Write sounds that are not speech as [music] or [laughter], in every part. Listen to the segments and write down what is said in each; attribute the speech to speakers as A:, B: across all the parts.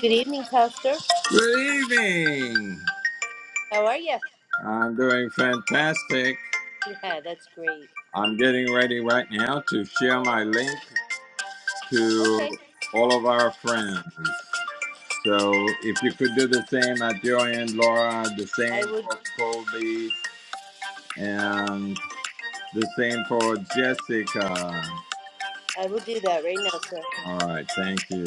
A: Good evening, Pastor.
B: Good evening.
A: How are you?
B: I'm doing fantastic.
A: [laughs] Yeah, that's great.
B: I'm getting ready right now to share my link to
A: Okay,
B: all of our friends. So if you could do the same at your end, Laura, the same
A: I would
B: for Colby, and the same for Jessica.
A: I will do that right now, sir.
B: All right, thank you.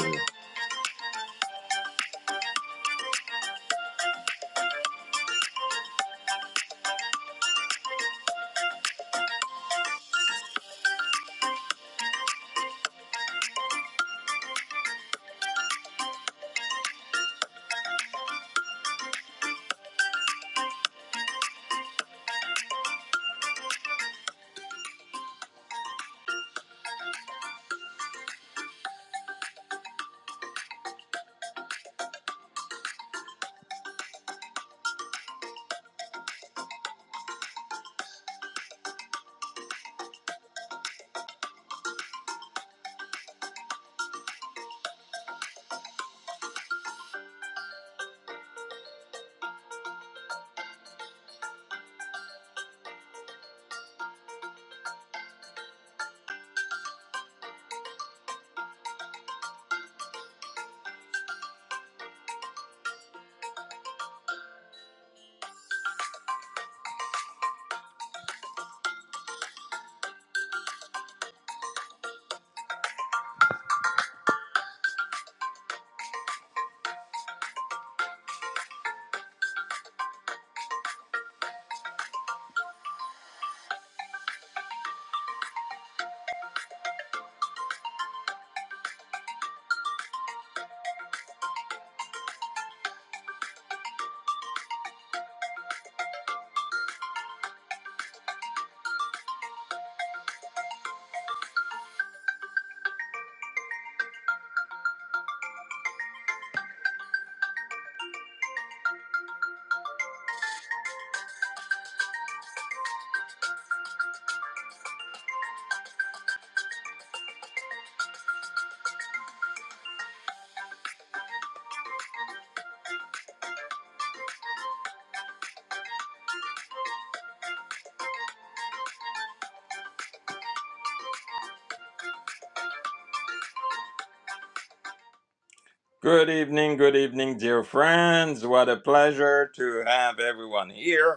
B: Good evening, good evening, dear friends. What a pleasure to have everyone here.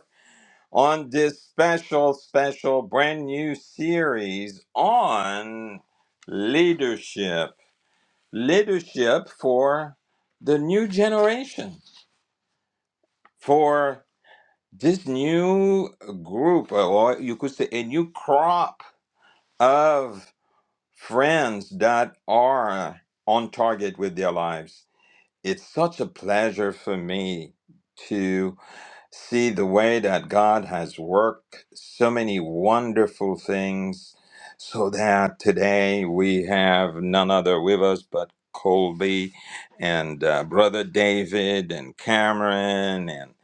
B: on this special, special brand new series on leadership. Leadership for the new generation, for this new group, or you could say a new crop of friends that are on target with their lives It's such a pleasure for me to see the way that God has worked so many wonderful things so that today we have none other with us but Colby and uh, brother David and Cameron and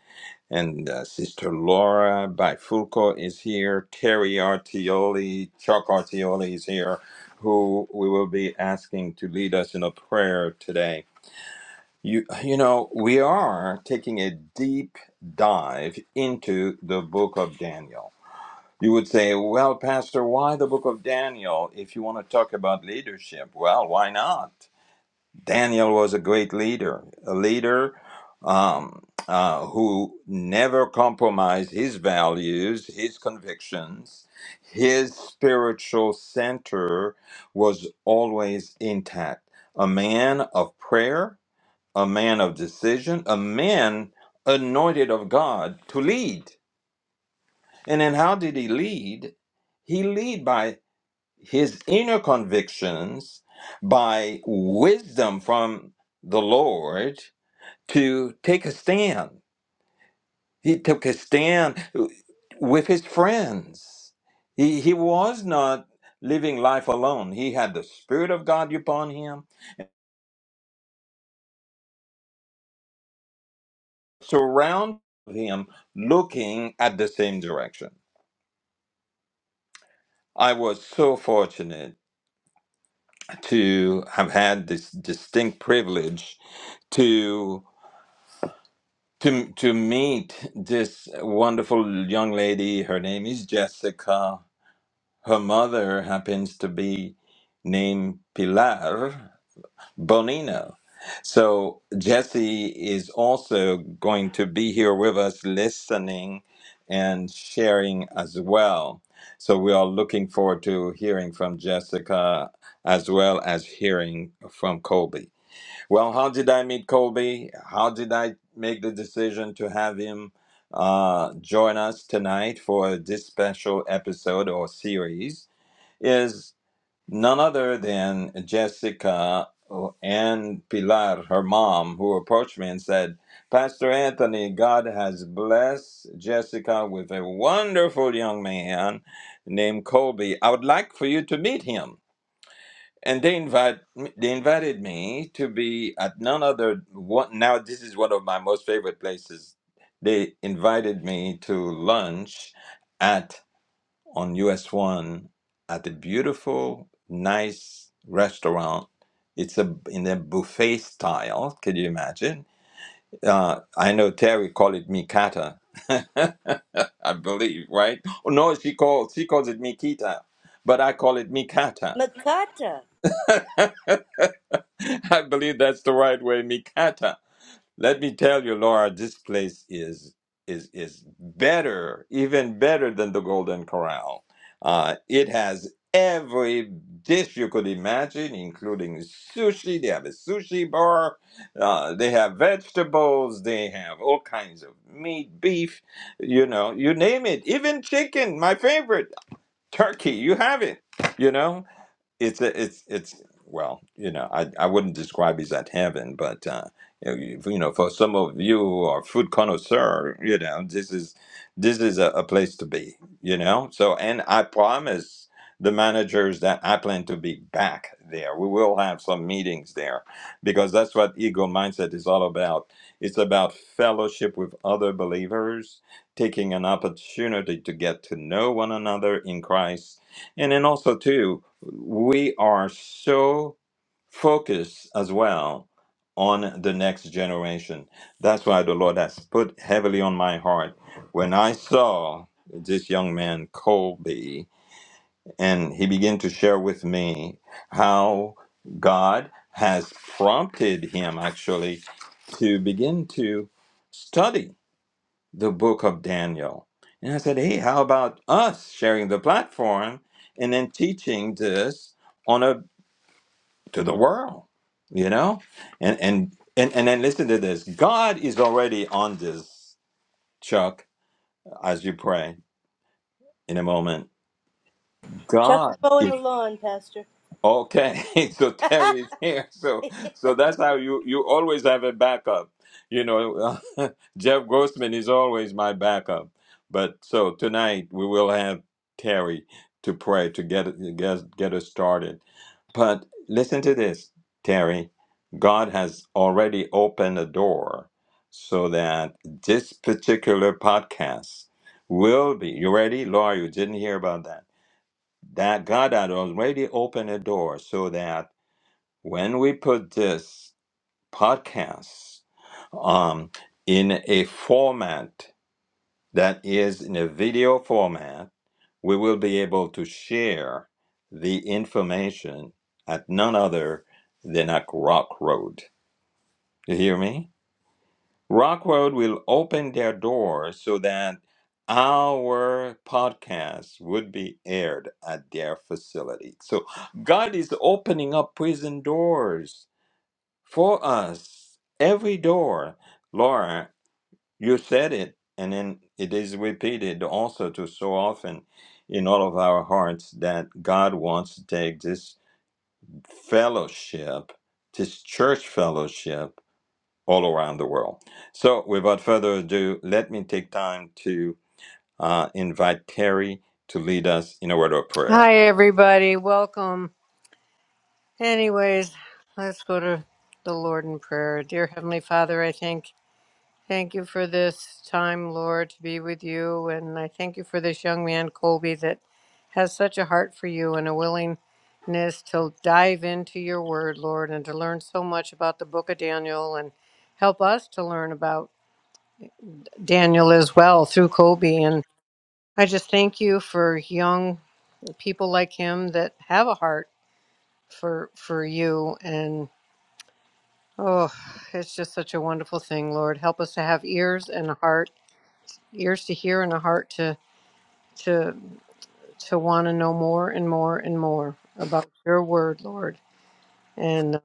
B: and uh, sister Laura Bifulco is here. Terry Artioli, Chuck Artioli is here, who we will be asking to lead us in a prayer today. You, you know, we are taking a deep dive into the book of Daniel. You would say, well, Pastor, why the book of Daniel if you want to talk about leadership? Well, why not? Daniel was a great leader, a leader um, uh, who never compromised his values, his convictions. His spiritual center was always intact. A man of prayer, a man of decision, a man anointed of God to lead. And then how did he lead? He lead by his inner convictions, by wisdom from the Lord to take a stand. He took a stand with his friends. He, he was not living life alone. He had the Spirit of God upon him, surround him, looking at the same direction. I was so fortunate to have had this distinct privilege to to to meet this wonderful young lady. Her name is Jessica. Her mother happens to be named Pilar, Bonino. So Jesse is also going to be here with us listening and sharing as well. So we are looking forward to hearing from Jessica as well as hearing from Colby. Well, how did I meet Colby? How did I make the decision to have him uh, join us tonight for this special episode or series? Is none other than Jessica uh, and Pilar, her mom, who approached me and said, Pastor Anthony, God has blessed Jessica with a wonderful young man named Colby. I would like for you to meet him. And they invite they invited me to be at none other one now this is one of my most favorite places. They invited me to lunch at on US 1 at a beautiful, nice restaurant. It's a in a buffet style. Can you imagine? Uh, I know Terry called it Mikata, [laughs] I believe, right? Oh, no, she calls she calls it Mikita, but I call it Mikata.
A: Makata,
B: [laughs] I believe that's the right way, Mikata. Let me tell you, Laura, this place is is is better, even better than the Golden Corral. Uh, it has every dish you could imagine, including sushi. They have a sushi bar. Uh, they have vegetables. They have all kinds of meat, beef. You know, you name it. Even chicken, my favorite, turkey. You have it. You know it's a, it's it's well, you know, I, I wouldn't describe it as heaven, but uh, you you know, for some of you who are food connoisseur, you know, this is this is a, a place to be, you know. So, and I promise the managers that I plan to be back there. We will have some meetings there because that's what ego mindset is all about. It's about fellowship with other believers, taking an opportunity to get to know one another in Christ, and then also too we are so focused as well on the next generation. That's why the Lord has put heavily on my heart when I saw this young man, Colby, and he began to share with me how God has prompted him actually to begin to study the book of Daniel. And I said, hey, how about us sharing the platform and then teaching this? on a?" to the world you know and and and, and then listen to this god is already on this chuck as you pray in a moment
A: Chuck is
B: god
A: mowing
B: is
A: the lawn, Pastor.
B: Okay, [laughs] so Terry
A: [laughs]
B: is here. So so that's how you you always have a backup. You know, [laughs] Jeff Grossman is always my backup. But so tonight we will have Terry to pray to get get get us started. But listen to this, Terry. God has already opened a door so that this particular podcast will be. You ready, Laura? You didn't hear about that that God had already opened a door so that when we put this podcast um, in a format that is in a video format, we will be able to share the information at none other than at Rock Road. You hear me? Rock Road will open their doors so that our podcast would be aired at their facility. So God is opening up prison doors for us. Every door. Laura, you said it, and then it is repeated also to so often in all of our hearts that God wants to take this fellowship, this church fellowship all around the world. So, without further ado, let me take time to uh, invite Terry to lead us in a word of prayer.
C: Hi, everybody. Welcome. Anyways, let's go to the Lord in prayer. Dear Heavenly Father, I thank thank you for this time, Lord, to be with you, and I thank you for this young man, Colby, that has such a heart for you and a willingness to dive into your Word, Lord, and to learn so much about the Book of Daniel, and help us to learn about Daniel as well through Colby. And I just thank you for young people like him that have a heart for for you and oh it's just such a wonderful thing lord help us to have ears and a heart ears to hear and a heart to to to want to know more and more and more about your word lord and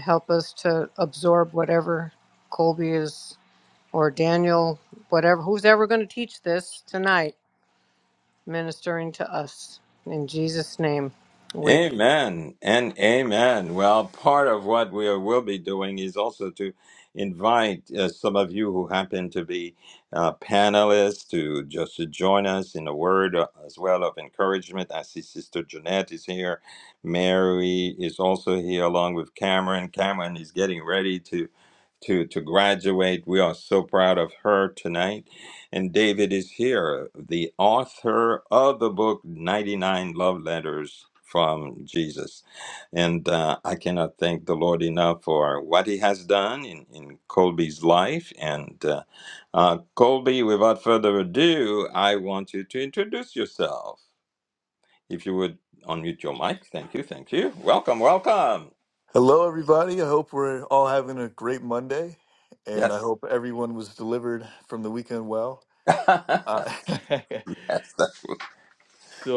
C: help us to absorb whatever colby is or daniel whatever who's ever going to teach this tonight ministering to us in jesus name we.
B: Amen and amen. Well, part of what we will be doing is also to invite uh, some of you who happen to be uh, panelists to just to join us in a word uh, as well of encouragement. I see Sister Jeanette is here. Mary is also here along with Cameron. Cameron is getting ready to to to graduate. We are so proud of her tonight and David is here, the author of the book 99 Love Letters from Jesus. And uh, I cannot thank the Lord enough for what he has done in, in Colby's life. And uh, uh, Colby, without further ado, I want you to introduce yourself. If you would unmute your mic. Thank you. Thank you. Welcome. Welcome.
D: Hello, everybody. I hope we're all having a great Monday, and I
B: Yes.
D: hope everyone was delivered from the weekend well.
B: [laughs] That's
D: Uh, [laughs]
B: the-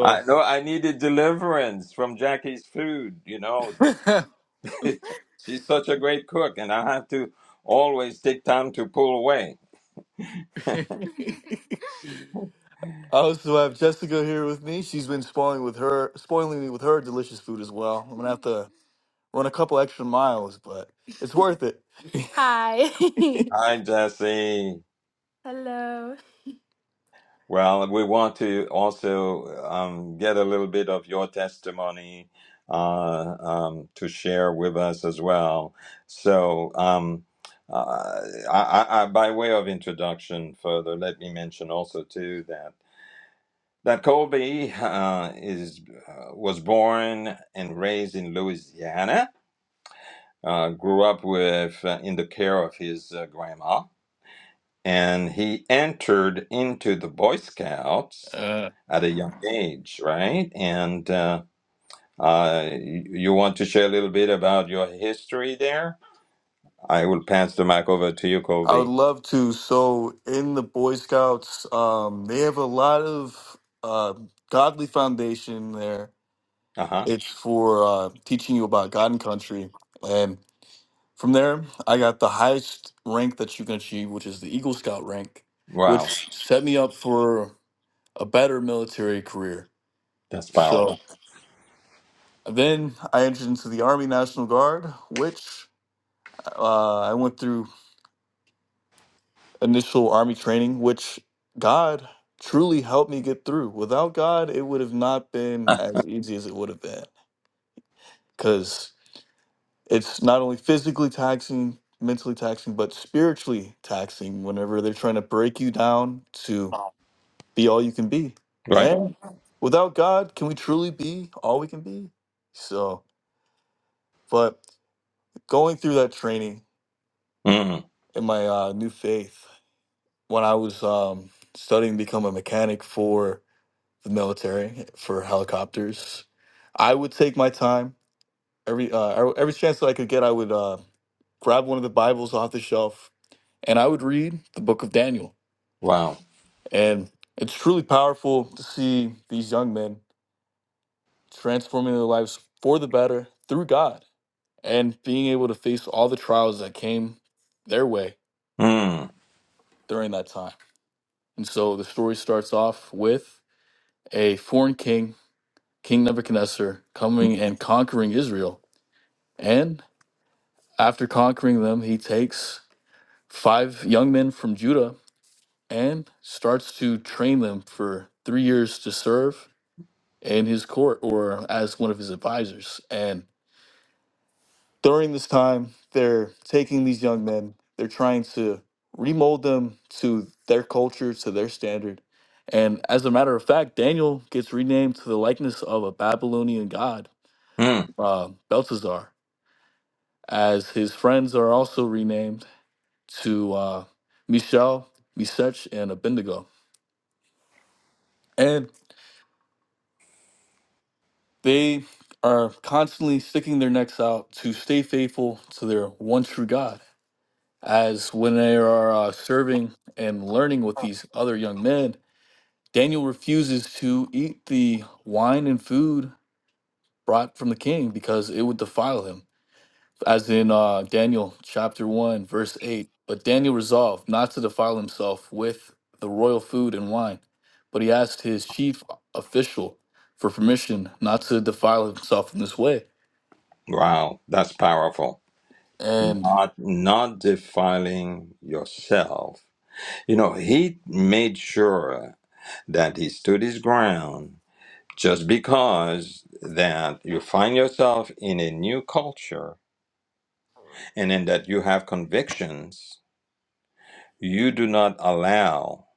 B: I know I needed deliverance from Jackie's food, you know,
D: [laughs] I
B: She's such a great cook, and I have to always take time to pull away.
D: also have Jessica here with me. She's been spoiling with her, spoiling me with her delicious food as well. I'm gonna have to run a couple extra miles, but it's worth it. [laughs] Hi.
B: Hi, Jesse.
D: [laughs] Hello.
B: Well, we want to also um, get a little bit of your testimony uh, um, to share with us as well. So, um, uh, I, I, I, by way of introduction, further, let me mention also too that that Colby uh, is uh, was born and raised in Louisiana uh, grew up with uh, in the care of his uh, grandma, and he entered into the Boy Scouts at a young age, right? And uh, uh, you you want to share a little bit about your history there? I will pass the mic over to you,
D: I would
B: Kobe.
D: love to. So, in the Boy Scouts, um, they have a lot of uh, godly foundation there.
B: Uh huh.
D: It's for uh, teaching you about God and country. And from there, I got the highest rank that you can achieve, which is the Eagle Scout rank,
B: Wow,
D: which set me up for a better military career.
B: that's powerful.
D: So, then I entered into the Army National Guard, which uh, I went through initial army training, which God truly helped me get through. Without God, it would have not been
B: [laughs]
D: as easy as it would have been because it's not only physically taxing, mentally taxing, but spiritually taxing whenever they're trying to break you down to be all you can be.
B: Right.
D: And without God, can we truly be all we can be? So, but going through that training
B: Mm,
D: in my uh, new faith, when I was um, studying to become a mechanic for the military for helicopters. I would take my time every uh, every chance that I could get. I would uh, grab one of the Bibles off the shelf and I would read the Book of Daniel.
B: wow.
D: And it's truly powerful to see these young men transforming their lives for the better through God and being able to face all the trials that came their way
B: Mm,
D: during that time. And so the story starts off with a foreign king, King Nebuchadnezzar, coming and conquering Israel. And After conquering them, he takes five young men from Judah and starts to train them for three years to serve in his court or as one of his advisors. And during this time, they're taking these young men, they're trying to remold them to their culture, to their standard. And as a matter of fact, Daniel gets renamed to the likeness of a Babylonian god,
B: mm,
D: uh, Belshazzar, as his friends are also renamed to uh, Michelle, Misech, and Abednego. And they are constantly sticking their necks out to stay faithful to their one true God. As when they are uh, serving and learning with these other young men, Daniel refuses to eat the wine and food brought from the king because it would defile him. as in uh, Daniel chapter 1, verse 8. But Daniel resolved not to defile himself with the royal food and wine, but he asked his chief official for permission not to defile himself in this way.
B: wow, that's powerful.
D: And
B: Not not defiling yourself You know, he made sure that he stood his ground just because that you find yourself in a new culture and then that you have convictions, you do not allow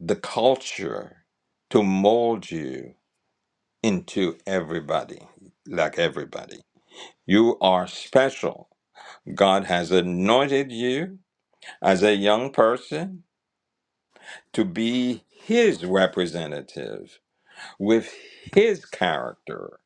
B: the culture to mold you into everybody, like everybody. You are special. God has anointed you as a young person to be his representative with his character,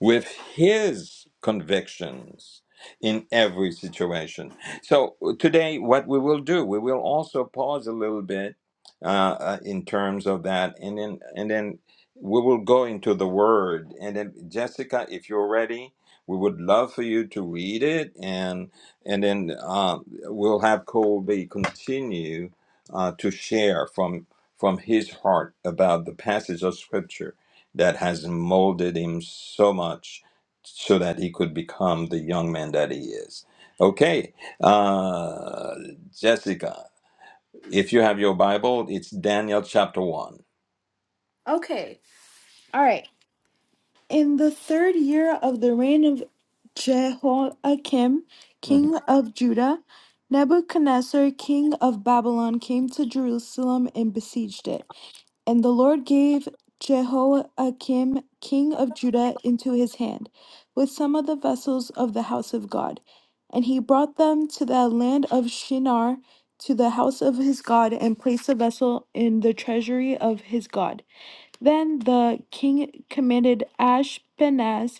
B: with his convictions in every situation. So, uh, today, what we will do, we will also pause a little bit uh, uh, in terms of that, and then, and then we will go into the word. And then, Jessica, if you're ready, we would love for you to read it, and and then uh, we'll have Colby continue uh, to share from from his heart about the passage of scripture that has molded him so much so that he could become the young man that he is. Okay, uh, Jessica, if you have your Bible, it's Daniel chapter one.
D: Okay. All right. In the third year of the reign of Jehoiakim,
B: Mhm.
D: king of Judah, Nebuchadnezzar, king of Babylon, came to Jerusalem and besieged it. And the Lord gave Jehoiakim, king of Judah, into his hand, with some of the vessels of the house of God. And he brought them to the land of Shinar, to the house of his God, and placed the vessel in the treasury of his God. Then the king commanded Ashpenaz,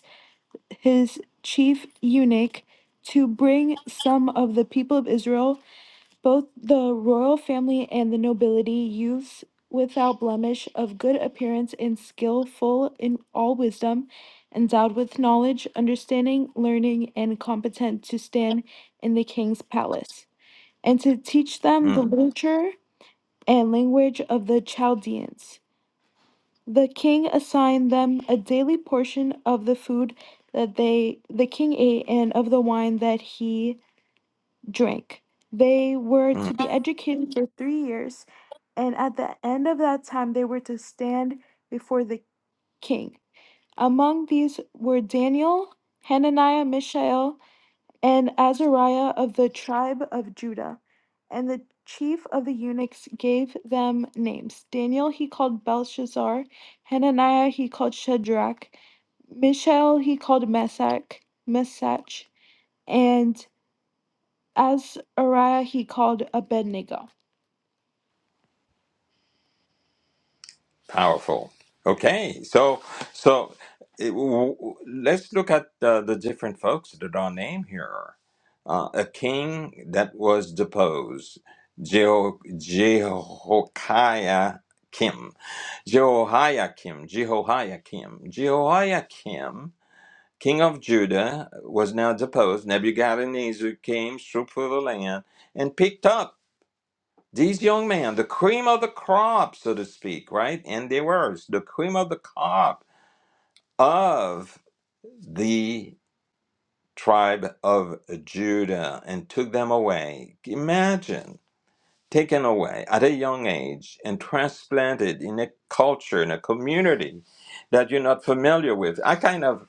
D: his chief eunuch, to bring some of the people of Israel both the royal family and the nobility, youths without blemish, of good appearance and skillful in all wisdom, endowed with knowledge, understanding, learning, and competent to stand in the king's palace, and to teach them the
B: Mm,
D: literature and language of the Chaldeans. The king assigned them a daily portion of the food that they the king ate and of the wine that he drink. They were
B: mm.
D: to be educated for three years, and at the end of that time, they were to stand before the king. Among these were Daniel, Hananiah, Mishael, and Azariah of the tribe of Judah. And the chief of the eunuchs gave them names. Daniel he called Belshazzar, Hananiah he called Shadrach, Mishael he called Meshach, Meshach, and as Uriah he called Abednego.
B: powerful. Okay, so so it, w- w- let's look at the, the different folks that are named here. Uh, a king that was deposed, Jeho- Jehoiakim. Jehoiakim, Jehoiakim, Jehoiakim, king of Judah, was now deposed. Nebuchadnezzar came, struck through the land, and picked up these young men, the cream of the crop, so to speak, right? And they were the cream of the crop of the tribe of Judah and took them away. Imagine taken away at a young age and transplanted in a culture, in a community that you're not familiar with. I kind of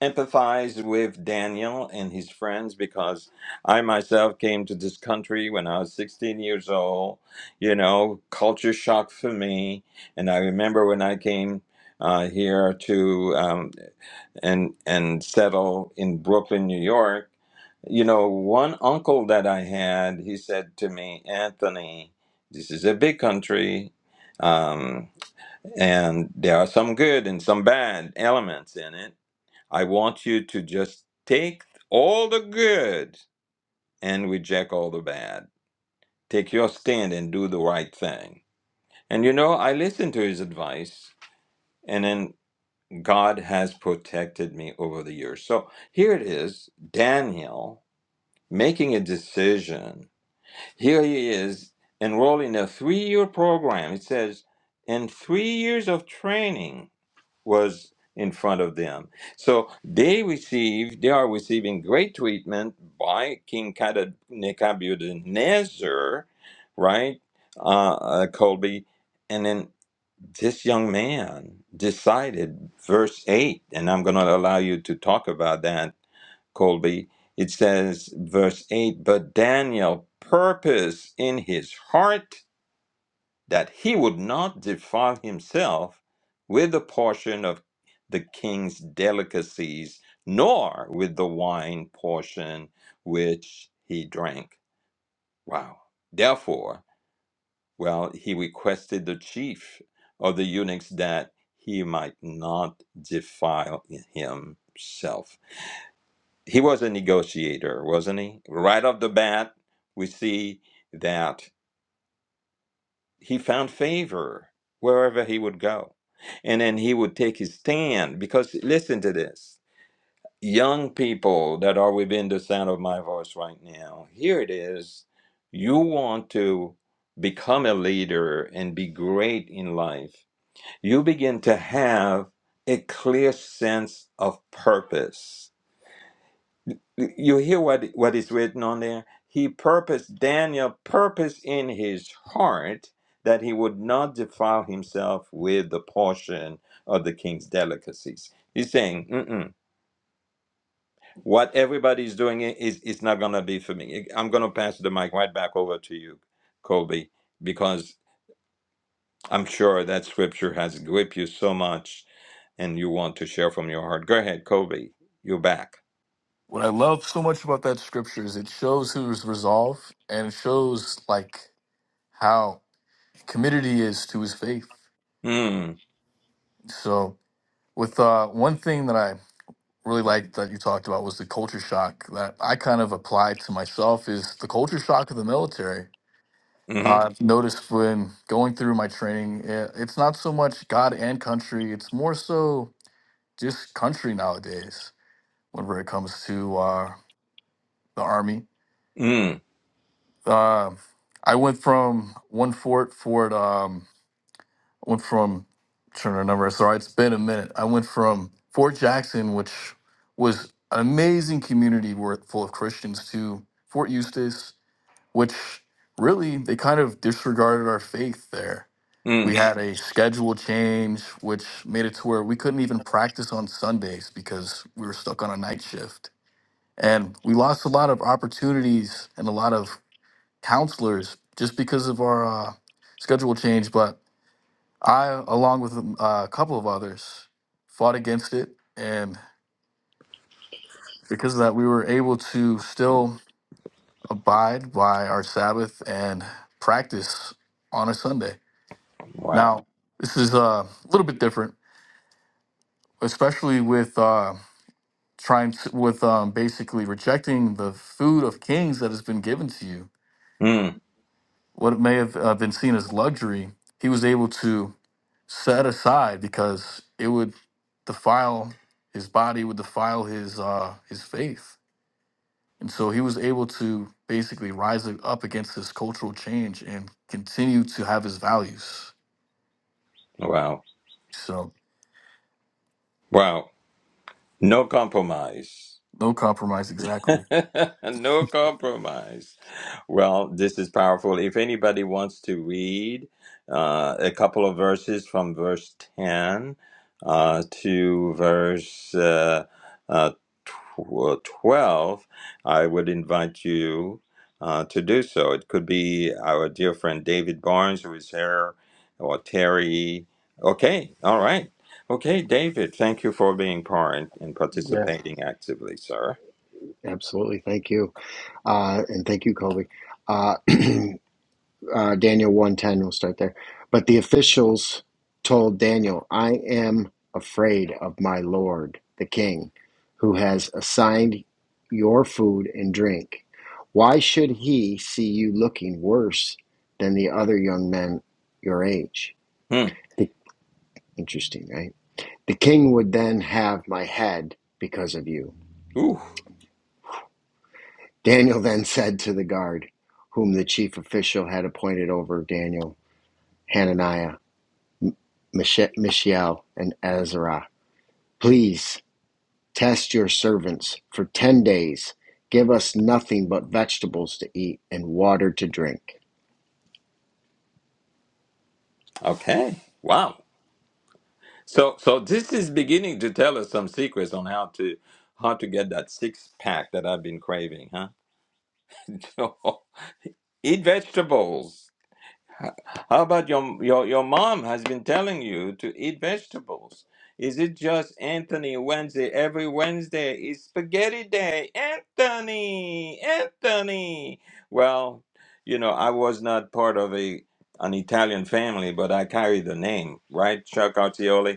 B: empathize with Daniel and his friends because I myself came to this country when I was 16 years old, you know, culture shock for me. And I remember when I came. Uh, here to um, and and settle in Brooklyn, New York. You know, one uncle that I had, he said to me, Anthony, this is a big country, um, and there are some good and some bad elements in it. I want you to just take all the good and reject all the bad. Take your stand and do the right thing. And you know, I listened to his advice, and then God has protected me over the years. So here it is Daniel making a decision. Here he is enrolled in a three year program. It says, and three years of training was in front of them. So they receive, they are receiving great treatment by King Kada- Nebuchadnezzar, right? Uh, uh, Colby. and then this young man decided, verse 8, and I'm going to allow you to talk about that, Colby. It says, verse 8, but Daniel purposed in his heart that he would not defile himself with a portion of the king's delicacies, nor with the wine portion which he drank. Wow. Therefore, well, he requested the chief of the eunuchs that he might not defile himself. He was a negotiator, wasn't he? Right off the bat, we see that he found favor wherever he would go. And then he would take his stand because, listen to this young people that are within the sound of my voice right now, here it is. You want to become a leader and be great in life you begin to have a clear sense of purpose. You hear what, what is written on there? He purposed, Daniel purposed in his heart that he would not defile himself with the portion of the king's delicacies. He's saying, Mm-mm, what everybody's doing is, is not going to be for me. I'm going to pass the mic right back over to you, Colby, because I'm sure that scripture has gripped you so much and you want to share from your heart. Go ahead, Kobe. You're back.
D: What I love so much about that scripture is it shows who's resolved and it shows like how committed he is to his faith.
B: Mm.
D: So with uh, one thing that I really liked that you talked about was the culture shock that I kind of applied to myself is the culture shock of the military.
B: Mm-hmm.
D: I've noticed when going through my training, eh, it's not so much God and country; it's more so just country nowadays. Whenever it comes to uh, the army.
B: Mm.
D: Uh, I went from one fort fort um went from trying to remember. Sorry, it's been a minute. I went from Fort Jackson, which was an amazing community wor- full of Christians, to Fort Eustis, which really they kind of disregarded our faith there. We
B: Mm.
D: had a schedule change, which made it to where we couldn't even practice on Sundays because we were stuck on a night shift. And we lost a lot of opportunities and a lot of counselors just because of our uh, schedule change. But I, along with um, a couple of others, fought against it. And because of that, we were able to still abide by our Sabbath and practice on a Sunday.
B: Wow.
D: Now, this is uh, a little bit different, especially with. Uh, Trying to, with um, basically rejecting the food of kings that has been given to you,
B: Mm.
D: what may have uh, been seen as luxury, he was able to set aside because it would defile his body would defile his uh his faith and so he was able to basically rise up against this cultural change and continue to have his values
B: Wow.
D: so
B: Wow. No compromise.
D: no compromise exactly
B: [laughs] no compromise. Well, this is powerful. If anybody wants to read uh, a couple of verses from verse 10 uh, to verse uh, uh, tw- uh, 12, I would invite you uh, to do so. It could be our dear friend David Barnes, who is here, or Terry. Okay, all right. Okay, David, thank you for being part and
E: Yes,
B: participating actively, sir.
E: absolutely. Thank you. Uh, and thank you, Colby. Uh, [clears throat] uh, Daniel 110, we'll start there. But the officials told Daniel, I am afraid of my Lord, the king, who has assigned your food and drink. Why should he see you looking worse than the other young men your age?
B: Hmm.
E: The- Interesting, right? The king would then have my head because of you
B: Ooh,
E: Daniel then said to the guard, whom the chief official had appointed over Daniel, Hananiah, Mishael, and Azariah, Please test your servants for ten days. Give us nothing but vegetables to eat and water to drink.
B: okay. Wow. So, so this is beginning to tell us some secrets on how to how to get that six pack that I've been craving, huh? [laughs] So, eat vegetables. How about your your your mom has been telling you to eat vegetables? Is it just Anthony Wednesday? Every Wednesday is spaghetti day. Anthony, Anthony. Well, you know, I was not part of a an Italian family, but I carry the name, right? Chuck Artioli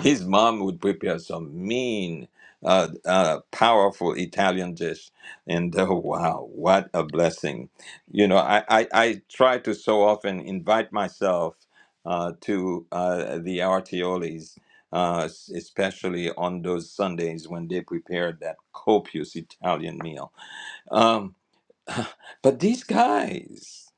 B: His mom would prepare some mean, uh, uh, powerful Italian dish, and [laughs] uh, wow, what a blessing! You know, I, I, I try to so often invite myself uh, to uh, the Artiolis, uh, s- especially on those Sundays when they prepared that copious Italian meal. Um, but these guys,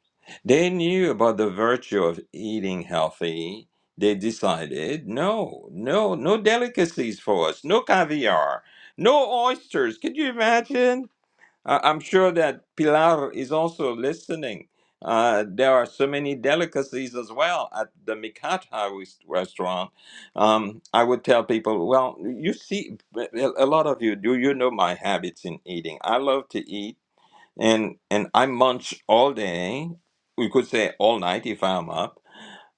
B: they knew about the virtue of eating healthy. They decided, no, no, no delicacies for us, no caviar, no oysters. Could you imagine? I- I'm sure that Pilar is also listening. Uh, there are so many delicacies as well at the Mikata rest- restaurant. Um, I would tell people, well, you see, a a lot of you, do you know my habits in eating? I love to eat and and I munch all day. We could say all night if I'm up.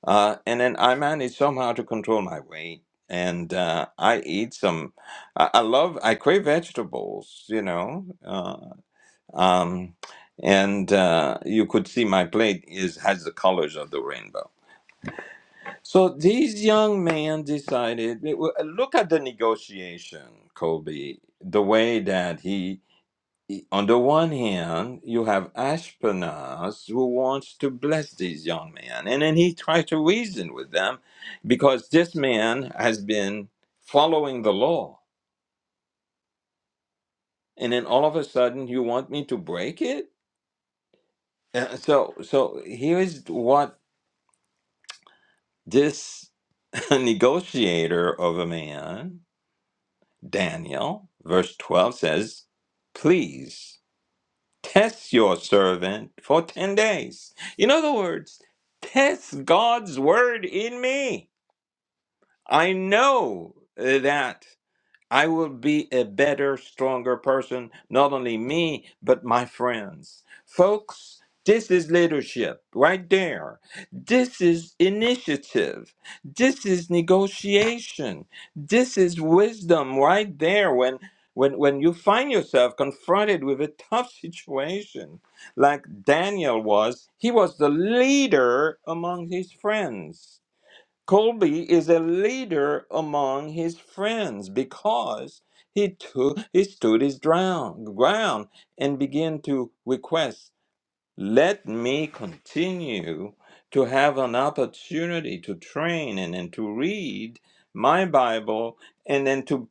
B: Uh, and then I manage somehow to control my weight, and uh, I eat some. I, I love. I crave vegetables, you know. Uh, um, and uh, you could see my plate is has the colors of the rainbow. So these young men decided. Look at the negotiation, Colby. The way that he on the one hand, you have Ashpenaz who wants to bless these young men, and then he tries to reason with them because this man has been following the law, and then all of a sudden you want me to break it. Uh, So, so here is what this [laughs] negotiator of a man, Daniel, verse twelve says: Please. Test your servant for 10 days. In other words, test God's word in me. I know uh, that. I will be a better, stronger person, not only me, but my friends. Folks, this is leadership right there. This is initiative. This is negotiation. This is wisdom right there when when when you find yourself confronted with a tough situation like Daniel was, he was the leader among his friends Colby is a leader among his friends because he took he stood his ground ground and began to request, let me continue to have an opportunity to train and then to read my Bible and then to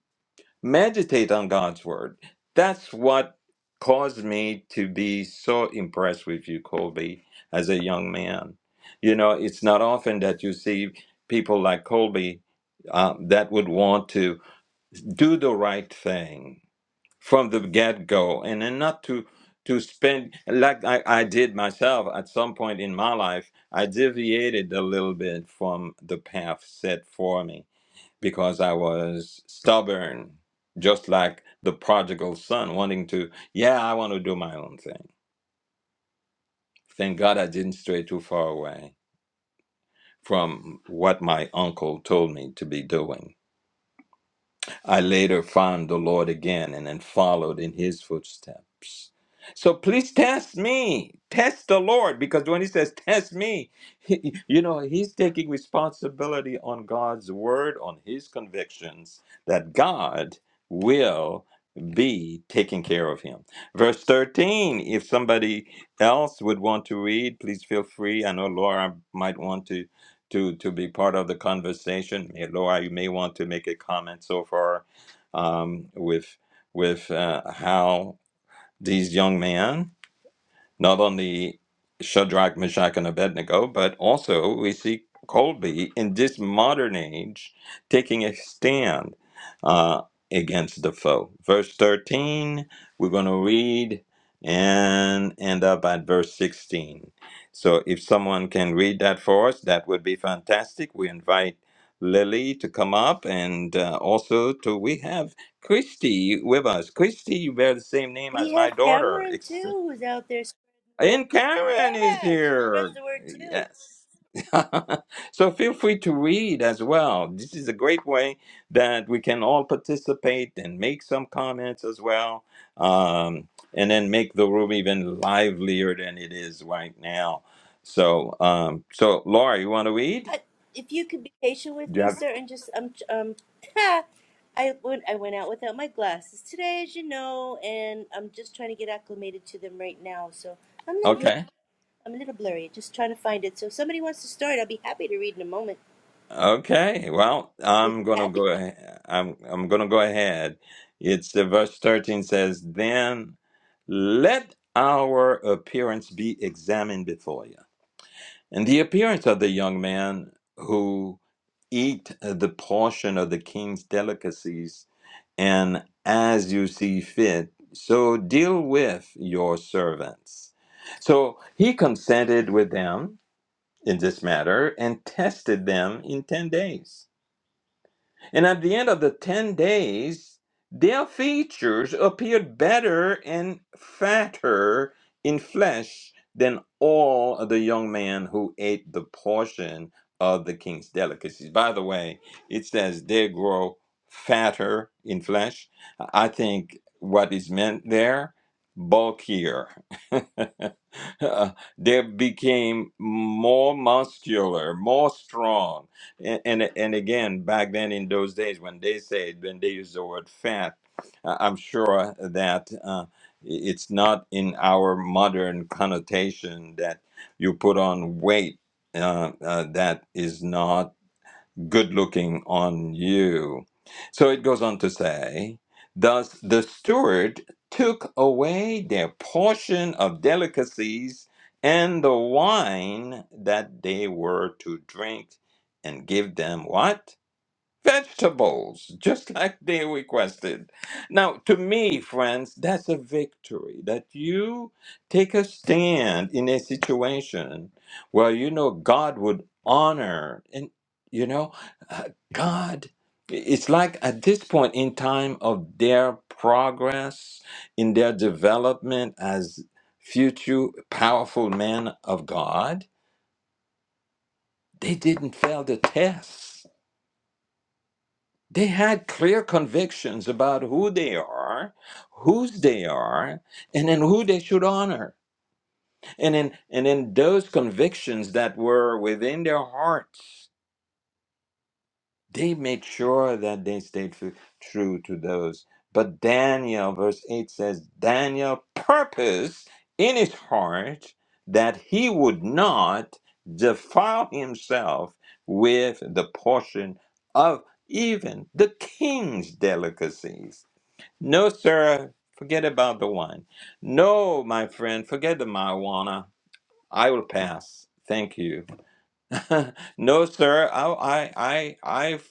B: meditate on God's word. That's what caused me to be so impressed with you, Colby, as a young man. You know, it's not often that you see people like Colby uh, that would want to do the right thing from the get go and then not to. To spend like I, I did myself at some point in my life, I deviated a little bit from the path set for me because I was stubborn, just like the prodigal son, wanting to, yeah, I want to do my own thing. Thank God I didn't stray too far away from what my uncle told me to be doing. I later found the Lord again and then followed in his footsteps. So please test me. Test the Lord because when he says test me, he, you know, he's taking responsibility on God's word, on his convictions that God will be taking care of him. Verse 13, if somebody else would want to read, please feel free. I know Laura might want to to to be part of the conversation. May- Laura, you may want to make a comment so far um, with with uh, how these young men not only Shadrach, Meshach, and Abednego, but also we see Colby in this modern age taking a stand uh, against the foe. Verse 13, we're going to read and end up at verse 16. So if someone can read that for us, that would be fantastic. We invite Lily to come up and uh, also to we have Christy with us. Christy, you bear the same name
A: we
B: as my
A: have
B: daughter.
A: Cameron too, who's out there spreading the word.
B: And Karen is
A: Yeah, she
B: here.
A: spreads the word too.
B: Yes. [laughs] so feel free to read as well. This is a great way that we can all participate and make some comments as well. Um, and then make the room even livelier than it is right now. So, um, so Laura, you want to read?
A: I, if you could be patient with
B: Do you
A: me,
B: have?
A: sir, and just um um, [laughs] I went I went out without my glasses today, as you know, and I'm just trying to get acclimated to them right now. So I'm no
B: Okay.
A: I'm a little blurry, just trying to find it. So if somebody wants to start, I'll be happy to read in a moment.
B: Okay, well,
A: Would
B: I'm
A: be
B: gonna
A: happy.
B: go ahead. I'm I'm gonna go ahead. It's the verse 13 says, Then let our appearance be examined before you. And the appearance of the young man who eat the portion of the king's delicacies, and as you see fit, so deal with your servants. So he consented with them in this matter and tested them in ten days. And at the end of the 10 days, their features appeared better and fatter in flesh than all of the young men who ate the portion of the king's delicacies. By the way, it says they grow fatter in flesh. I think what is meant there, bulkier. [laughs] [laughs] uh, they became more muscular, more strong. And, and and again, back then in those days, when they said when they use the word fat, I- I'm sure that uh, it's not in our modern connotation that you put on weight uh, uh, that is not good looking on you. So it goes on to say, Thus the steward took away their portion of delicacies and the wine that they were to drink and give them what? vegetables, just [laughs] like they requested. Now, to me, friends, that's a victory that you take a stand in a situation where you know God would honor. And, you know, uh, God, it's like at this point in time of their progress, in their development as future powerful men of God, they didn't fail the test They had clear convictions about who they are, whose they are, and then who they should honor. And in and in those convictions that were within their hearts, they made sure that they stayed f- true to those. But Daniel, verse 8 says, Daniel purposed in his heart that he would not defile himself with the portion of even the king's delicacies. No, sir, forget about the wine. No, my friend, forget the marijuana. I will pass. Thank you. [laughs] no, sir, I, I, I, I've,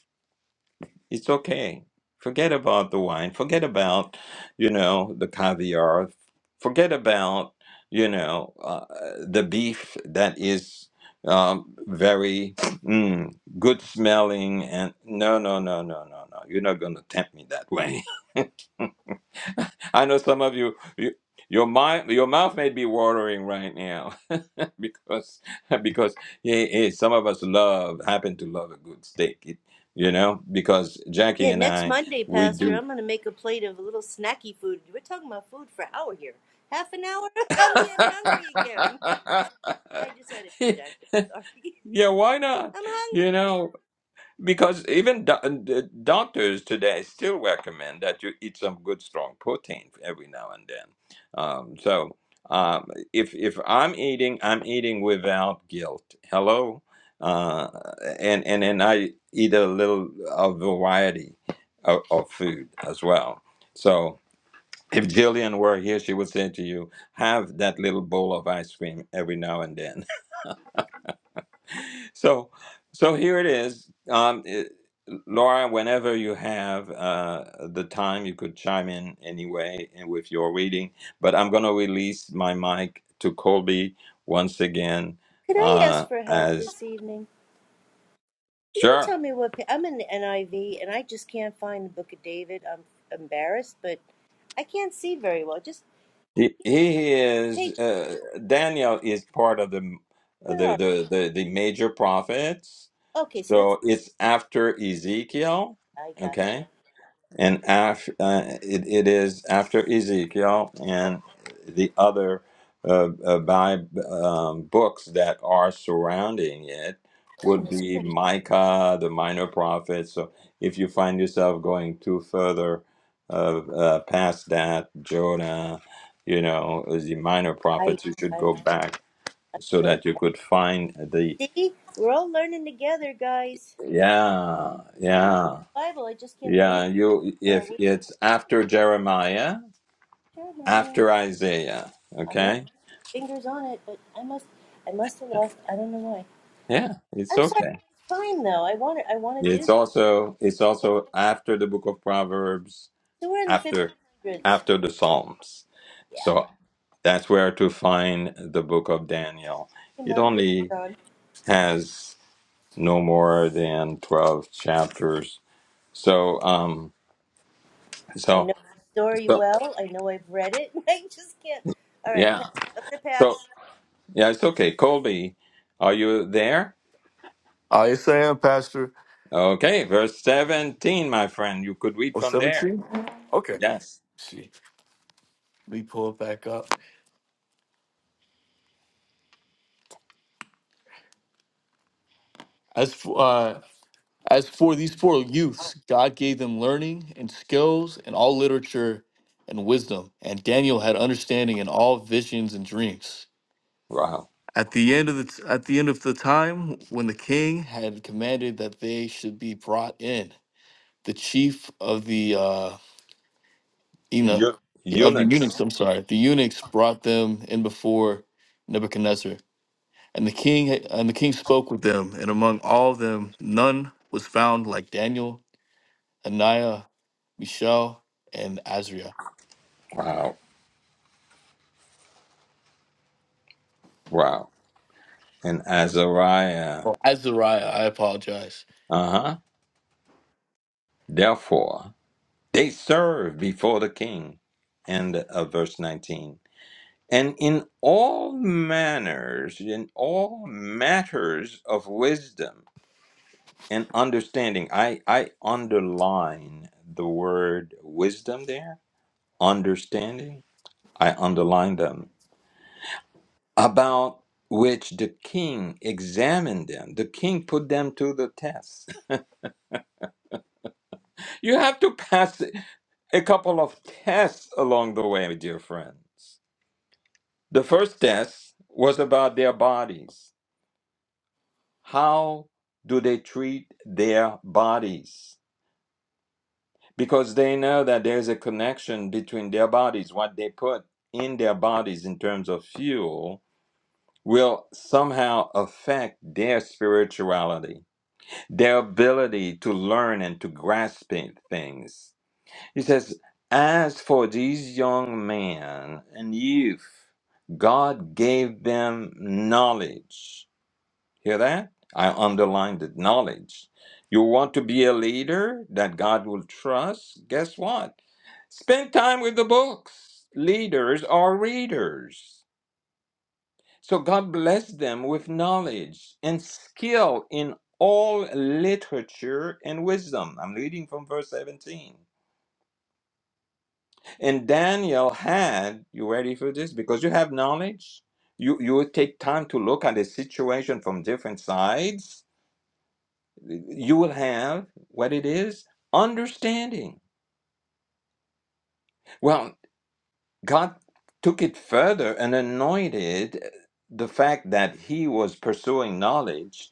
B: it's okay. Forget about the wine. Forget about, you know, the caviar. Forget about, you know, uh, the beef that is um, very mm, good smelling. And no, no, no, no, no, no. You're not going to tempt me that way. I know some of you, you your mind, your mouth may be watering right now [laughs] because because yeah, yeah, some of us love happen to love a good steak, It- you know. Because Jackie
A: Yeah,
B: and
A: next
B: I,
A: Monday,
B: we
A: Pastor,
B: do.
A: I'm gonna make a plate of a little snacky food. We're talking about food for an hour here. Half an hour? [laughs] I'm getting hungry again.
B: [laughs]
A: I just had it jacked up. Sorry.
B: yeah, why not?
A: [laughs] I'm hungry.
B: You know, Because even do- the doctors today still recommend that you eat some good strong protein every now and then. Um, so um, if if I'm eating, I'm eating without guilt. Hello, uh, and and then I eat a little a variety of, of food as well. So if Jillian were here, she would say to you, "Have that little bowl of ice cream every now and then." So, so here it is. Um, it, Laura, whenever you have uh, the time, you could chime in anyway and with your reading. But I'm going to release my mic to Colby once again.
A: Could I
B: Uh,
A: ask for help
B: as
A: this evening? Can you
B: sure,
A: tell me what pa- I'm in the NIV and I just can't find the Book of David. I'm embarrassed, but I can't see very well. Just
B: he, he is.
A: page number.
B: Uh, Daniel is part of the
A: Where
B: the
A: are
B: the the, the major prophets.
A: we? Okay, so that's
B: So it's after Ezekiel,
A: I gotcha.
B: okay? and af, uh, it, it is after Ezekiel
A: Up,
B: and the other uh, uh, Bib- um, books that are surrounding it would
A: Goodness
B: be
A: gracious,
B: Micah, the minor prophets. So if you find yourself going too further uh, uh, past that, Jonah, you know, the minor
A: I
B: prophets, you should
A: I'm
B: go back
A: I'm
B: so
A: so
B: that you could find the
A: mad. see. We're all learning together, guys.
B: yeah,
A: I know
B: yeah,
A: the Bible. I just can't believe
B: yeah. You
A: the
B: if
A: weird
B: it's after Jeremiah
A: chair I am.
B: after Isaiah.
A: I'm right
B: Okay?
A: there, my fingers on it, but I must I must have lost. I don't know why.
B: Yeah, it's
A: I'm sorry
B: okay.
A: to waste time though. I want to I want to do
B: It's
A: this.
B: also it's
A: Okay,
B: also after the book of Proverbs,
A: So we're in the
B: after
A: 1500s.
B: after the Psalms.
A: Yeah,
B: So that's where to find the book of Daniel.
A: Hey,
B: It
A: Mark
B: only
A: Lutron.
B: has no more than 12 chapters. So um
A: I
B: so
A: know the story
B: so
A: well. I know I've read it. [laughs] I just can't. All right,
B: yeah.
A: pass. I'm gonna
B: So
A: pass.
B: yeah, it's okay. Colby, are you there?
D: i am pastor
B: Okay, verse 17, my friend. You could read
D: or
B: from there.
D: 17 okay Let's
B: Yes.
D: see let me pull it back up as for, uh As for these four youths, God gave them learning and skills and all literature and wisdom, and Daniel had understanding in all visions and dreams.
B: Wow.
D: At the end of the at the end of the time when the king had commanded that they should be brought in, the chief of the uh, Ena,
B: Eu-
D: of the eunuchs,
B: eunuchs.
D: I'm sorry, the eunuchs brought them in before Nebuchadnezzar, and the king and the king spoke with them, and among all of them none was found like Daniel, Ananiah, Michelle, and Azria.
B: Wow, wow. And Azariah.
D: Oh, Azariah, I apologize.
B: Uh huh. Therefore, they serve before the king. And uh, verse 19. And in all manners, in all matters of wisdom and understanding, I, I underline the word wisdom there, understanding, I underline them, about which the king examined them. The king put them to the test You have to pass a couple of tests along the way, dear friends. The first test was about their bodies. How do they treat their bodies? Because they know that there's a connection between their bodies, what they put in their bodies in terms of fuel, will somehow affect their spirituality, their ability to learn and to grasp things. He says, As for these young men and youth, God gave them knowledge. Hear that? I underlined it knowledge. You want to be a leader that God will trust? Guess what? Spend time with the books. Leaders are readers. So God blessed them with knowledge and skill in all literature and wisdom. I'm reading from verse 17. And Daniel had, you ready for this? Because you have knowledge, you, you will take time to look at the situation from different sides. You will have what it is understanding. Well, God took it further and anointed the fact that he was pursuing knowledge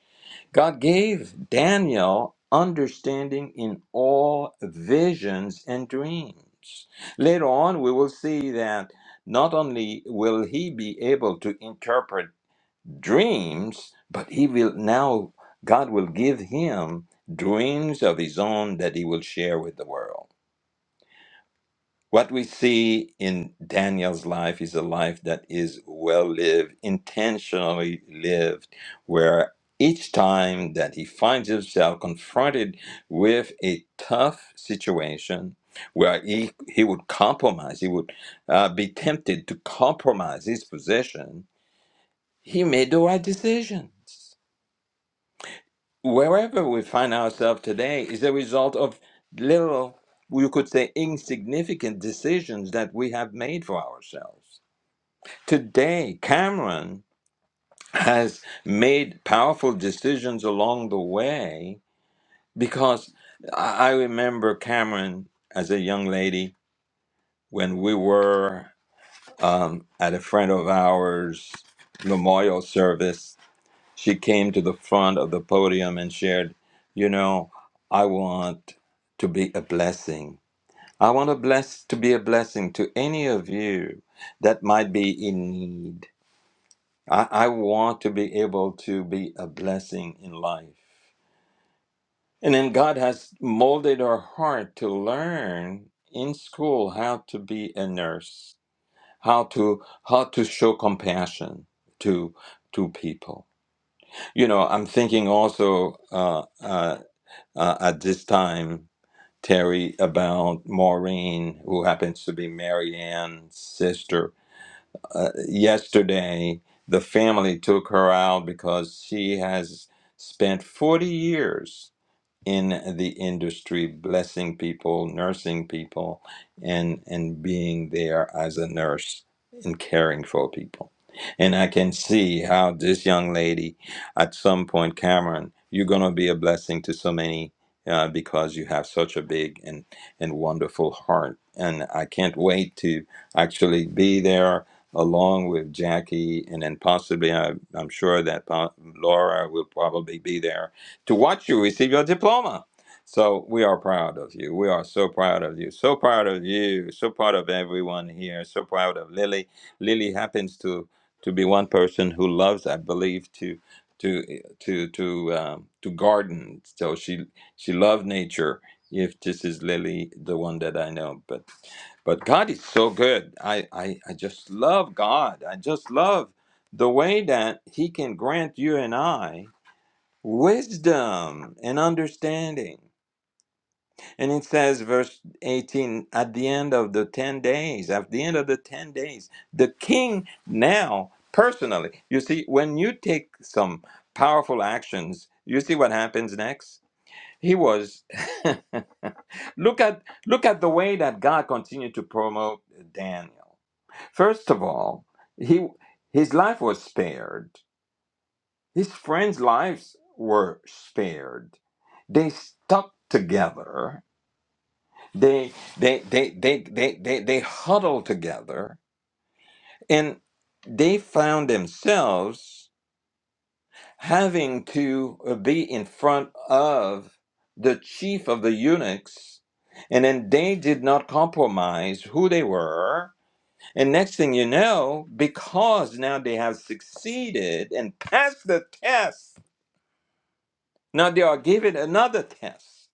B: God gave Daniel understanding in all visions and dreams. Later on, we will see that not only will he be able to interpret dreams, but he will now, God will give him dreams of his own that he will share with the world. What we see in Daniel's life is a life that is well lived, intentionally lived, where each time that he finds himself confronted with a tough situation, where he, he would compromise, he would uh, be tempted to compromise his position, he made the right decisions wherever we find ourselves today is a result of little, you could say, insignificant decisions that we have made for ourselves. Today, Cameron has made powerful decisions along the way because I I remember Cameron as a young lady when we were um, at a friend of ours' memorial service She came to the front of the podium and shared, You know, I want to be a blessing. I want to bless to be a blessing to any of you that might be in need. I, I want to be able to be a blessing in life. And then God has molded our heart to learn in school how to be a nurse, how to how to show compassion to to people You know, I'm thinking also uh, uh, uh, at this time, Terry, about Maureen, who happens to be Mary Ann's sister. Uh, yesterday, the family took her out because she has spent 40 years in the industry, blessing people, nursing people, and and being there as a nurse and caring for people. And I can see how this young lady, at some point, Cameron, you're gonna be a blessing to so many uh, because you have such a big and and wonderful heart. And I can't wait to actually be there along with Jackie, and then possibly I, I'm sure that po- Laura will probably be there to watch you receive your diploma. So we are proud of you. We are so proud of you. So proud of you. So proud of everyone here. So proud of Lily. Lily happens to to be one person who loves, I believe, to to to to um, to garden. So she she loved nature. If this is Lily, the one that I know, but but God is so good. I, I, I just love God. I just love the way that He can grant you and I wisdom and understanding. And it says, verse 18, at the end of the 10 days, at the end of the 10 days, the king now personally. You see, when you take some powerful actions, you see what happens next? He was [laughs] look at look at the way that God continued to promote Daniel. First of all, he his life was spared his friends' lives were spared. They stuck together. They they they they they they, they huddled together and they found themselves having to uh, be in front of the chief of the eunuchs and then they did not compromise who they were and next thing you know because now they have succeeded and passed the test now they are given another test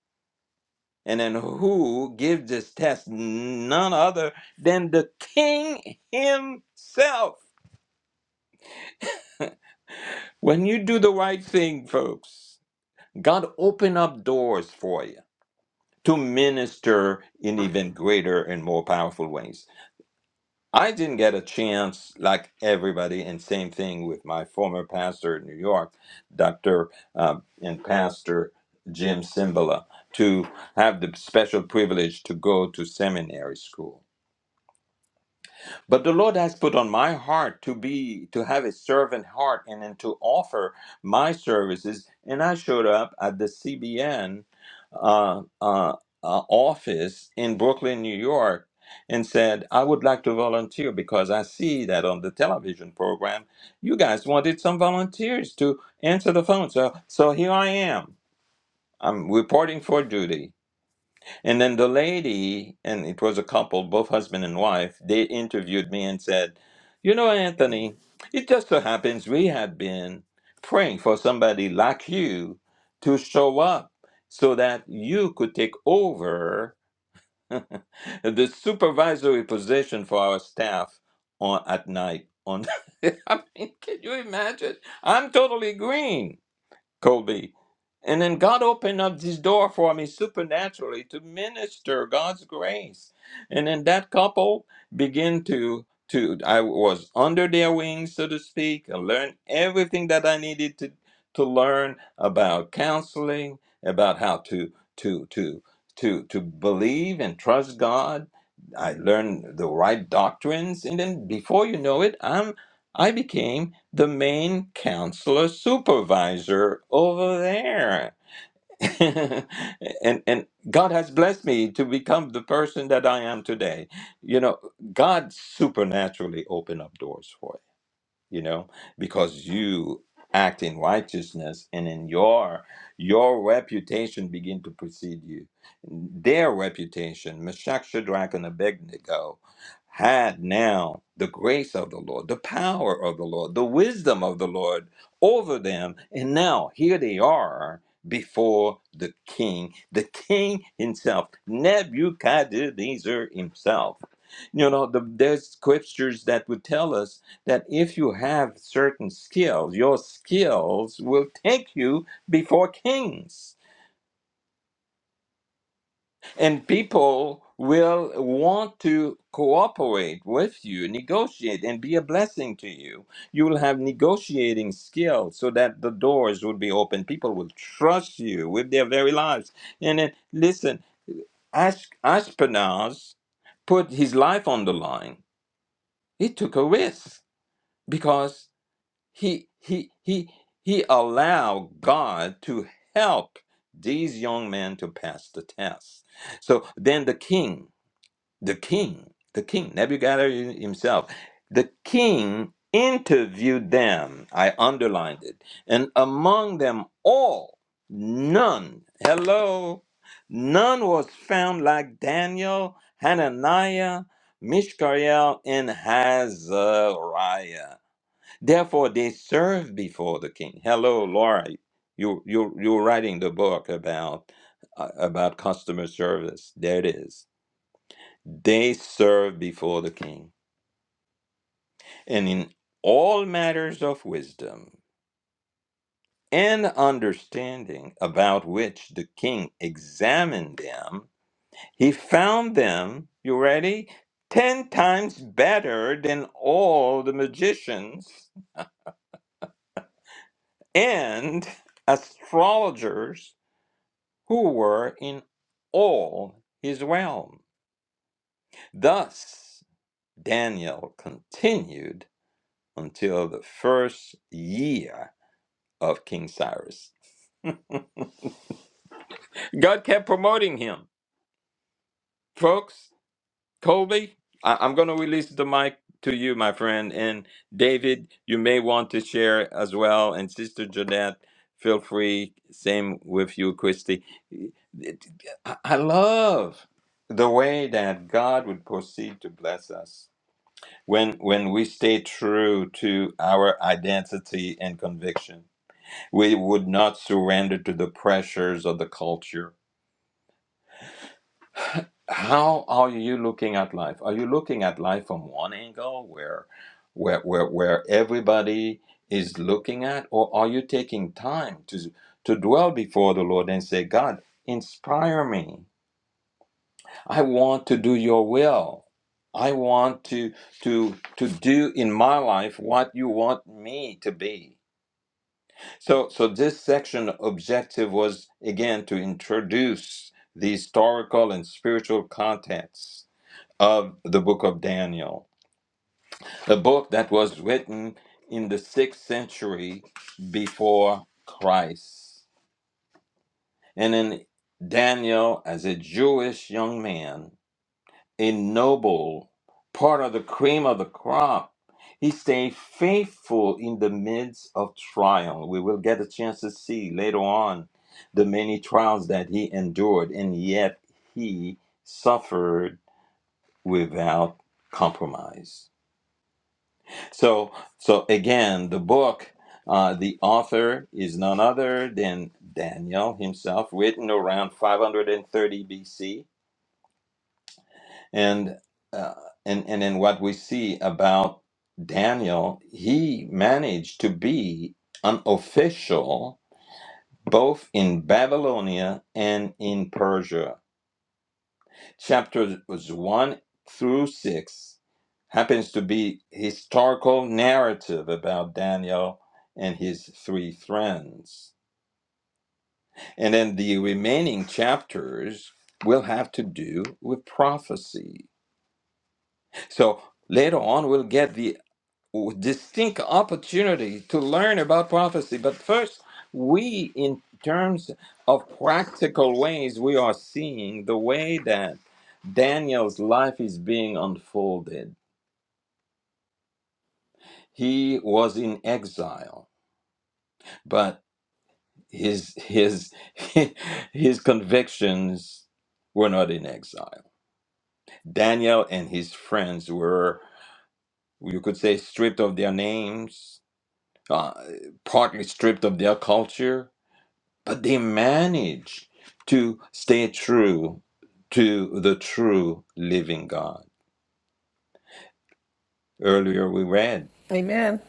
B: and then who gives this test? None other than the king himself. When you do the right thing, folks, God open up doors for you to minister in even greater and more powerful ways. I didn't get a chance like everybody, and same thing with my former pastor in New York, Dr. uh, and Pastor Jim Cimbala, to have the special privilege to go to seminary school But the Lord has put on my heart to be to have a servant heart and then to offer my services. And I showed up at the CBN uh, uh, uh, office in Brooklyn, New York, and said, "I would like to volunteer because I see that on the television program, you guys wanted some volunteers to answer the phone. So, so here I am. I'm reporting for duty." And then the lady, and it was a couple, both husband and wife, they interviewed me and said, You know, Anthony, it just so happens we had been praying for somebody like you to show up so that you could take over [laughs] the supervisory position for our staff on at night. On, [laughs] I mean, can you imagine? I'm totally green. Colby. And then God opened up this door for me supernaturally to minister God's grace. And then that couple began to to I was under their wings, so to speak, and learned everything that I needed to to learn about counseling, about how to to to to to believe and trust God. I learned the right doctrines, and then before you know it, I'm I became the main counselor supervisor over there. [laughs] and and God has blessed me to become the person that I am today. You know, God supernaturally opened up doors for us you know because you act in righteousness and in your your reputation begin to precede you their reputation meshach shadrach and abednego had now the grace of the lord the power of the lord the wisdom of the lord over them and now here they are before the king the king himself nebuchadnezzar himself you know the, there's scriptures that would tell us that if you have certain skills, your skills will take you before kings, and people will want to cooperate with you, negotiate, and be a blessing to you. You will have negotiating skills so that the doors will be open. People will trust you with their very lives. And then, listen, Ash- Ashpenaz put his life on the line. He took a risk because he he he he allowed god to help these young men to pass the test so then the king the king the king nebuchadnezzar himself the king interviewed them i underlined it and among them all none hello none was found like daniel hananiah mishael and hazariah Therefore, they serve before the king. Hello, Laura. You you you're writing the book about uh, about customer service. There it is. They serve before the king, and in all matters of wisdom and understanding about which the king examined them, he found them. You ready? Ten times better than all the magicians and astrologers who were in all his realm. Thus Daniel continued until the first year of King Cyrus. God kept promoting him. Folks, Colby, I- I'm going to release the mic to you, my friend. And David, you may want to share as well. And Sister Jeanette, feel free. Same with you, Christy. I I love the way that God would proceed to bless us when when we stay true to our identity and conviction we would not surrender to the pressures of the culture how are you looking at life are you looking at life from one angle where where where, where everybody is looking at or are you taking time to to dwell before the lord and say god inspire me I want to do your will. I want to to to do in my life what you want me to be. So so this section objective was again to introduce the historical and spiritual context of the book of Daniel, a book that was written in the 6th century before Christ. And in Daniel as a Jewish young man ennobled, part of the cream of the crop. He stayed faithful in the midst of trial. We will get a chance to see later on the many trials that he endured, and yet he suffered without compromise. So, so again, the book, uh, the author is none other than Daniel himself, written around 530 BC and uh, and and in what we see about Daniel, he managed to be an official both in Babylonia and in Persia. Chapters one through six happens to be historical narrative about Daniel and his three friends, and then the remaining chapters will have to do with prophecy. So later on, we'll get the distinct opportunity to learn about prophecy. But first, we, in terms of practical ways, we are seeing the way that Daniel's life is being unfolded. He was in exile, but his his [laughs] his convictions were not in exile. Daniel and his friends were, you could say, stripped of their names, uh, partly stripped of their culture, but they manage to stay true to the true living God. Earlier we read,
F: Amen.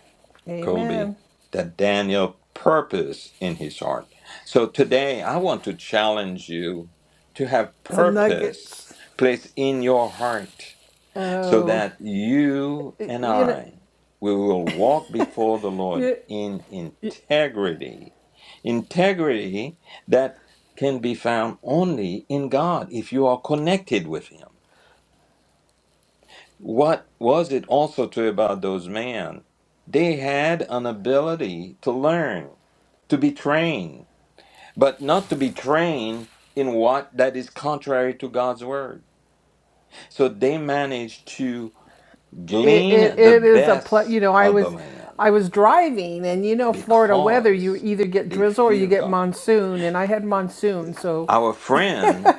B: Colby,
F: Amen.
B: that Daniel purpose in his heart. So today I want to challenge you to have
F: Some
B: purpose
F: nuggets.
B: placed in your heart so
F: Oh,
B: that you
F: it,
B: and
F: you know,
B: I we will walk before the Lord
F: it,
B: in
F: it,
B: integrity. Integrity that can be found only in God if you are connected with Him. What was it also true about those men? They had an ability to learn, to be trained, but not to be trained in what that is contrary to God's word. So they managed to
F: it,
B: glean the
F: it is a pl- you
B: best
F: know, I
B: of the
F: was
B: land
F: I was driving and you know Florida weather, you
B: because
F: either get
B: they
F: drizzle or you
B: fear
F: get
B: God.
F: monsoon and I had monsoon. So
B: Our friend,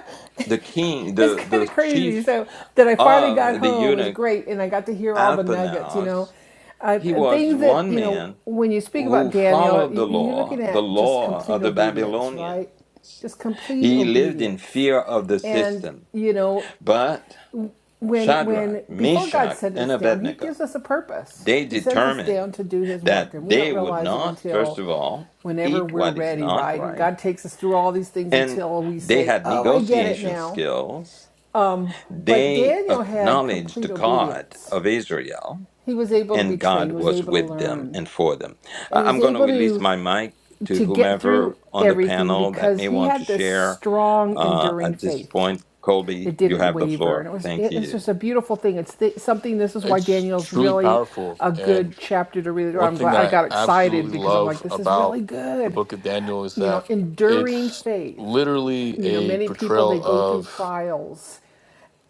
B: the king,
F: it's
B: the,
F: kind
B: the
F: of crazy.
B: chief
F: So that I finally got
B: of the
F: home was
B: eunuch
F: great, and I got to hear all the nuggets. You know,
B: Alpenaus,
F: uh,
B: he was
F: things that
B: one
F: you know
B: man
F: when you speak about
B: who
F: Daniel,
B: followed
F: you-
B: the
F: you're looking
B: law, the
F: at just
B: law
F: complete
B: of the
F: obedience,
B: Babylonian.
F: right? Just complete
B: He lived in
F: obedience,
B: fear of the
F: and
B: system.
F: you know
B: But
F: when
B: Shadrach,
F: when before God
B: Meshach,
F: sent
B: and
F: us down, He
B: Abednego
F: gives us a purpose.
B: They
F: He sends us
B: determined
F: down to do His work,
B: that
F: and we don't
B: they would
F: realize it
B: not, first
F: until
B: of all,
F: whenever
B: eat
F: we're
B: what is
F: ready,
B: not
F: right? And
B: right.
F: God takes us through all these things
B: And
F: until we
B: they
F: say,
B: had
F: "Oh, I get it
B: negotiation
F: now."
B: skills.
F: Um, but
B: They
F: Daniel had
B: acknowledged the
F: complete
B: God
F: obedience.
B: of Israel,
F: He was able to be
B: and
F: trained.
B: God
F: He was
B: was
F: able to
B: with them
F: learn,
B: and for them.
F: and
B: I-
F: he was
B: I'm going to
F: able
B: release
F: to
B: my mic to
F: to get through
B: whomever on the
F: everything
B: panel that
F: because
B: may
F: he
B: want to
F: had this
B: share
F: strong,
B: uh,
F: enduring
B: at this
F: faith.
B: point. Colby,
F: It
B: you
F: didn't
B: have the
F: waver, and
B: floor.
F: it was
B: Thank
F: it, it's
B: you.
F: just a beautiful thing. It's th- something. This is why
D: It's
F: Daniel's
D: truly
F: really
D: powerful.
F: a
D: And
F: good chapter to read.
D: one
F: I'm
D: thing
F: glad
D: that
F: I got
D: I
F: excited
D: absolutely
F: because I'm like,
D: love
F: this is
D: about
F: really
D: the
F: good.
D: book of Daniel is
F: You know,
D: that
F: enduring
D: it's
F: faith.
D: literally
F: You know,
D: a
F: many people they
D: portrayal
F: go through
D: of
F: trials,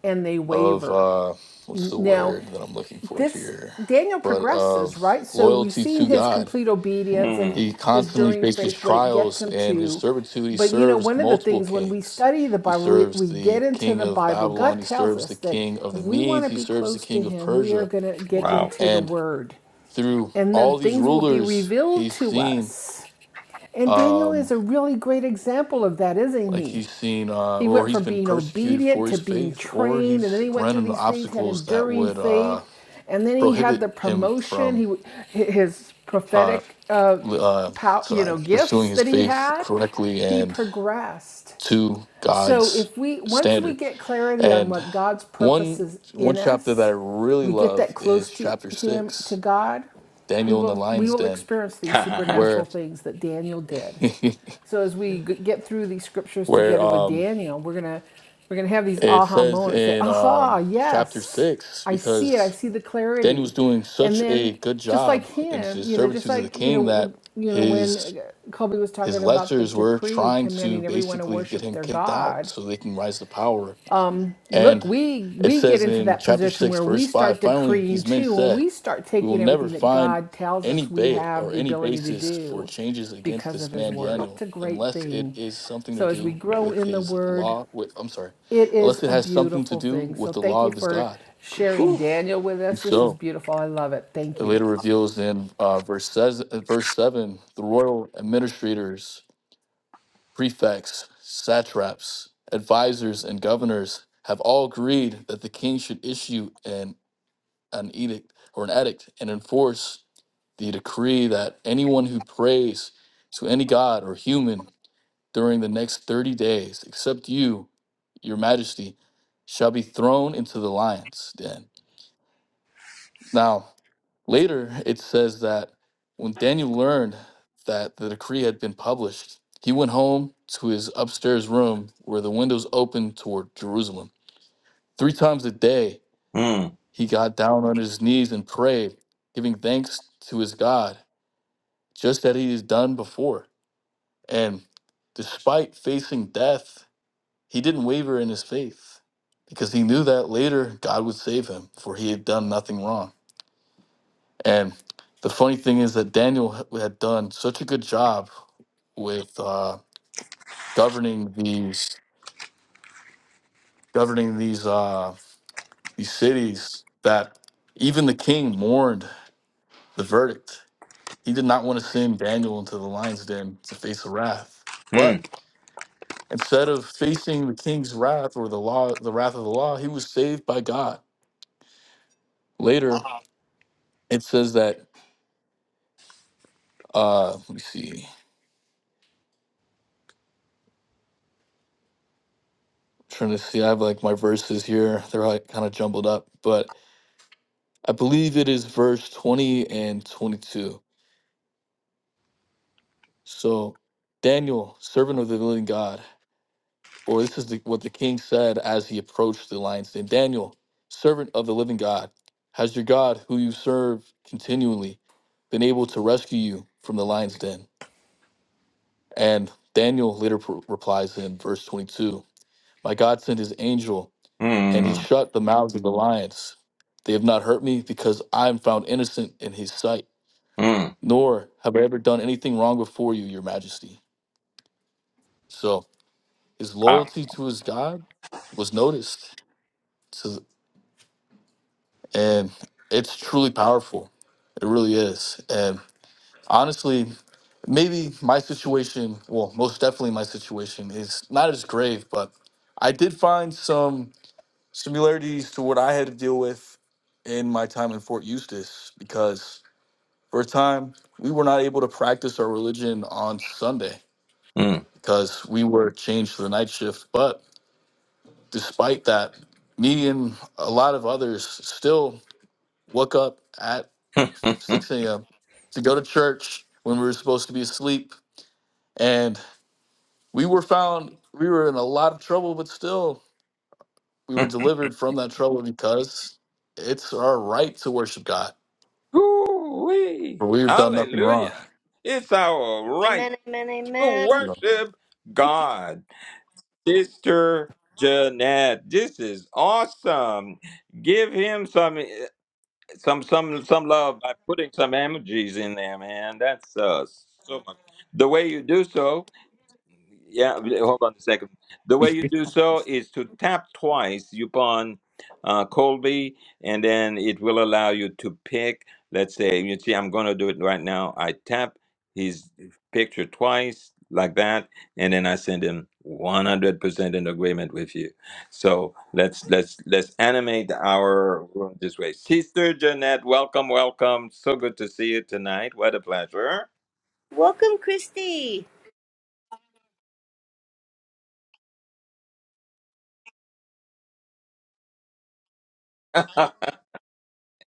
F: and they
D: of
F: waver
D: uh what's the
F: now,
D: word that I'm looking for
F: this
D: here?
F: Daniel
D: But
F: progresses,
D: of
F: right? So we've
D: loyalty
F: seen
D: to
F: his
D: God.
F: complete obedience and
B: Mm,
D: He
F: his
D: constantly
F: enduring
D: faces
F: faith, what it gets
D: trials
F: him
D: and his
F: to.
D: servitude. He
F: But you know,
D: serves
F: one of the
D: multiple
F: things when we
D: kings.
F: study the
D: He
F: Bible, we,
D: serves
F: we get
D: the
F: into
D: king
F: the
D: of
F: Bible,
D: Babylon.
F: God
D: He
F: tells
D: serves the
F: us that
D: king of
F: if
D: the
F: we want
D: Medes.
F: to
D: He
F: be
D: serves the
F: close to
D: king of
F: Him, we are
D: Persia.
F: going to get
B: wow.
F: into the
D: And
F: Word.
D: through
F: And then
D: all these
F: things will be
D: rulers,
F: revealed
D: he's
F: to
D: seen,
F: us. And Daniel is
D: um,
F: a really great example of that, isn't
D: like
F: he?
D: he's seen, uh,
F: He
D: or
F: went
D: he's
F: from
D: been
F: being
D: persecuted
F: obedient
D: for
F: to
D: his
F: being
D: faith, or
F: trained, and then
D: he's
F: he went
D: run
F: through
D: into
F: these things, had
D: obstacles that
F: enduring
D: would uh,
F: faith, and then he had
D: prohibit
F: the
D: him
F: promotion. He
D: from,
F: his
D: uh,
F: prophetic, uh,
D: li- uh,
F: pow, you
D: sorry,
F: know,
D: pursuing
F: gifts
D: his
F: that he
D: faith
F: had.
D: correctly
F: He
D: and.
F: progressed,
D: to
F: so
D: God's
F: if we once we
D: standard.
F: get clarity on
D: And
F: what God's purpose
D: one
F: is
D: one
F: in
D: chapter that I
F: us,
D: really
F: we get that
D: love is
F: close to
D: chapter
F: him to
D: six,
F: God, we
D: Daniel in the
F: will we
D: lion's
F: will
D: den,
F: experience these
B: [laughs]
F: supernatural
D: where
F: things that Daniel did.
D: [laughs]
F: So as we get through these scriptures
D: where
F: together with
D: um
F: Daniel, we're going to we're going to have these
D: it
F: aha
D: says
F: moments say,
D: in
F: "Aha,
D: um chapter
F: yes.
D: six
F: I see it. I
D: because
F: see the
D: Daniel
F: clarity."
D: was doing
F: and
D: such a
F: then
D: good
F: just like
D: job in
F: him,
D: his
F: you know, just
D: servitude to the
F: like you
D: king
F: know, the-
D: that
F: you know, when
D: his
F: uh, Kobe was
D: his
F: talking about the
D: lessers were
F: decree
D: trying to
F: commanding everyone to
D: basically get
F: worship
D: him
F: their
D: kicked out
F: God.
D: so they can rise to power
F: Um, look,
D: And
F: we
D: it
F: we get
D: says
F: into
D: in
F: that
D: chapter
F: position
D: 6,
F: where we
D: verse
F: start
D: 5 finally,
F: decreeing
D: these men
F: too, and
D: said,
F: we start
D: We will
F: taking
D: never
F: everything that
D: find
F: God tells
D: any
F: us we
D: ba-
F: have
D: or
F: the
D: any
F: ability to
D: basis for
F: do
D: changes against
F: because
D: this
F: of His
D: man
F: Word. It's
D: Daniel
F: a great
D: unless it
F: thing.
D: is something to
F: So as we
D: do
F: grow
D: with
F: in the
D: his
F: Word,
D: law. With, I'm sorry,
F: it is
D: unless it
F: a
D: has something to
F: beautiful
D: do
F: thing. So
D: with the
F: thank
D: law
F: you
D: of his
F: for
D: God.
F: sharing Daniel with
D: And
F: us. This is
D: so
F: beautiful. I love it. Thank
D: it
F: you.
D: later reveals in uh, verse, says, uh, verse 7 the royal administrators, prefects, satraps, advisors, and governors have all agreed that the king should issue an an edict or an edict and enforce the decree that anyone who prays to any god or human during the next 30 days, except you, your majesty, shall be thrown into the lion's den. Now, later it says that when Daniel learned that the decree had been published, he went home to his upstairs room where the windows opened toward Jerusalem. Three times a day,
B: Hmm.
D: He got down on his knees and prayed, giving thanks to his God, just as he has done before. And despite facing death, he didn't waver in his faith because he knew that later God would save him, for he had done nothing wrong. And the funny thing is that Daniel h- had done such a good job with uh, governing these governing these uh, these cities that even the king mourned the verdict He did not want to send Daniel into the lion's den to face the wrath.
B: hmm.
D: But instead of facing the king's wrath or the law, the wrath of the law, he was saved by God. Later, it says that. Uh, let me see. I'm trying to see. I have like my verses here. They're like kind of jumbled up, but I believe it is verse 20 and 22. So, Daniel, servant of the living God. or this is the, what the king said as he approached the lion's den Daniel, servant of the living God, has your God, who you serve continually, been able to rescue you from the lion's den? And Daniel later pr- replies in verse 22 My God sent his angel, and he
B: Mm,
D: shut the mouths of the lions. They have not hurt me because I am found innocent in his sight,
B: mm,
D: nor have I ever done anything wrong before you, your majesty. So his
B: power.
D: loyalty to his God was noticed. and it's truly powerful. It really is. And honestly, maybe my situation, well, most definitely my situation is not as grave, but I did find some similarities to what I had to deal with in my time in Fort Eustis because for a time we were not able to practice our religion on Sunday
B: Mm.
D: because we were changed to the night shift. But despite that, me and a lot of others still woke up at 6
B: [laughs]
D: a.m. to go to church when we were supposed to be asleep. And we were found, we were in a lot of trouble, but still, we were delivered from that trouble because it's our right to worship God, for
B: Ooh-wee.
D: we've done nothing wrong.
B: Hallelujah. It's our right
A: Amen. Amen.
B: to
A: Amen.
D: You know.
B: worship God. Sister Jeanette, this is awesome. Give him some some some some love by putting some emojis in there, man. That's uh so much. The way you do so Yeah, w- hold on a second. The way you do so is to tap twice upon uh, Colby, and then it will allow you to pick. Let's say, you see, I'm going to do it right now. I tap his picture twice like that, and then I send him 100% in agreement with you. So let's let's let's animate our room this way. Sister Jeanette, welcome, welcome. So good to see you tonight. What a pleasure.
A: Welcome, Christy.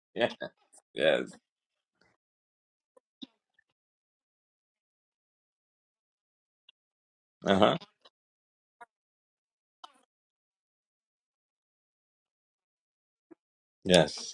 B: [laughs] yes. Uh huh. Yes.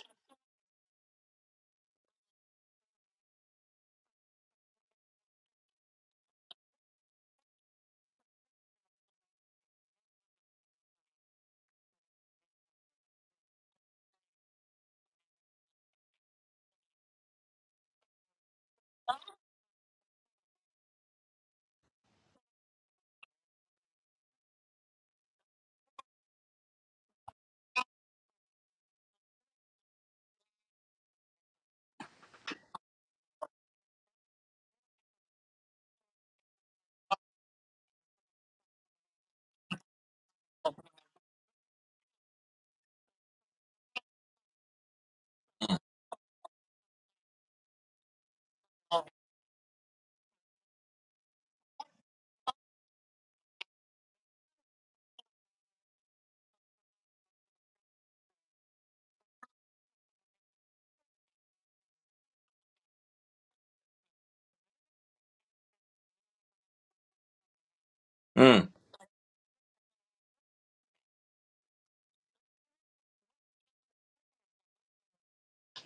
B: Mm.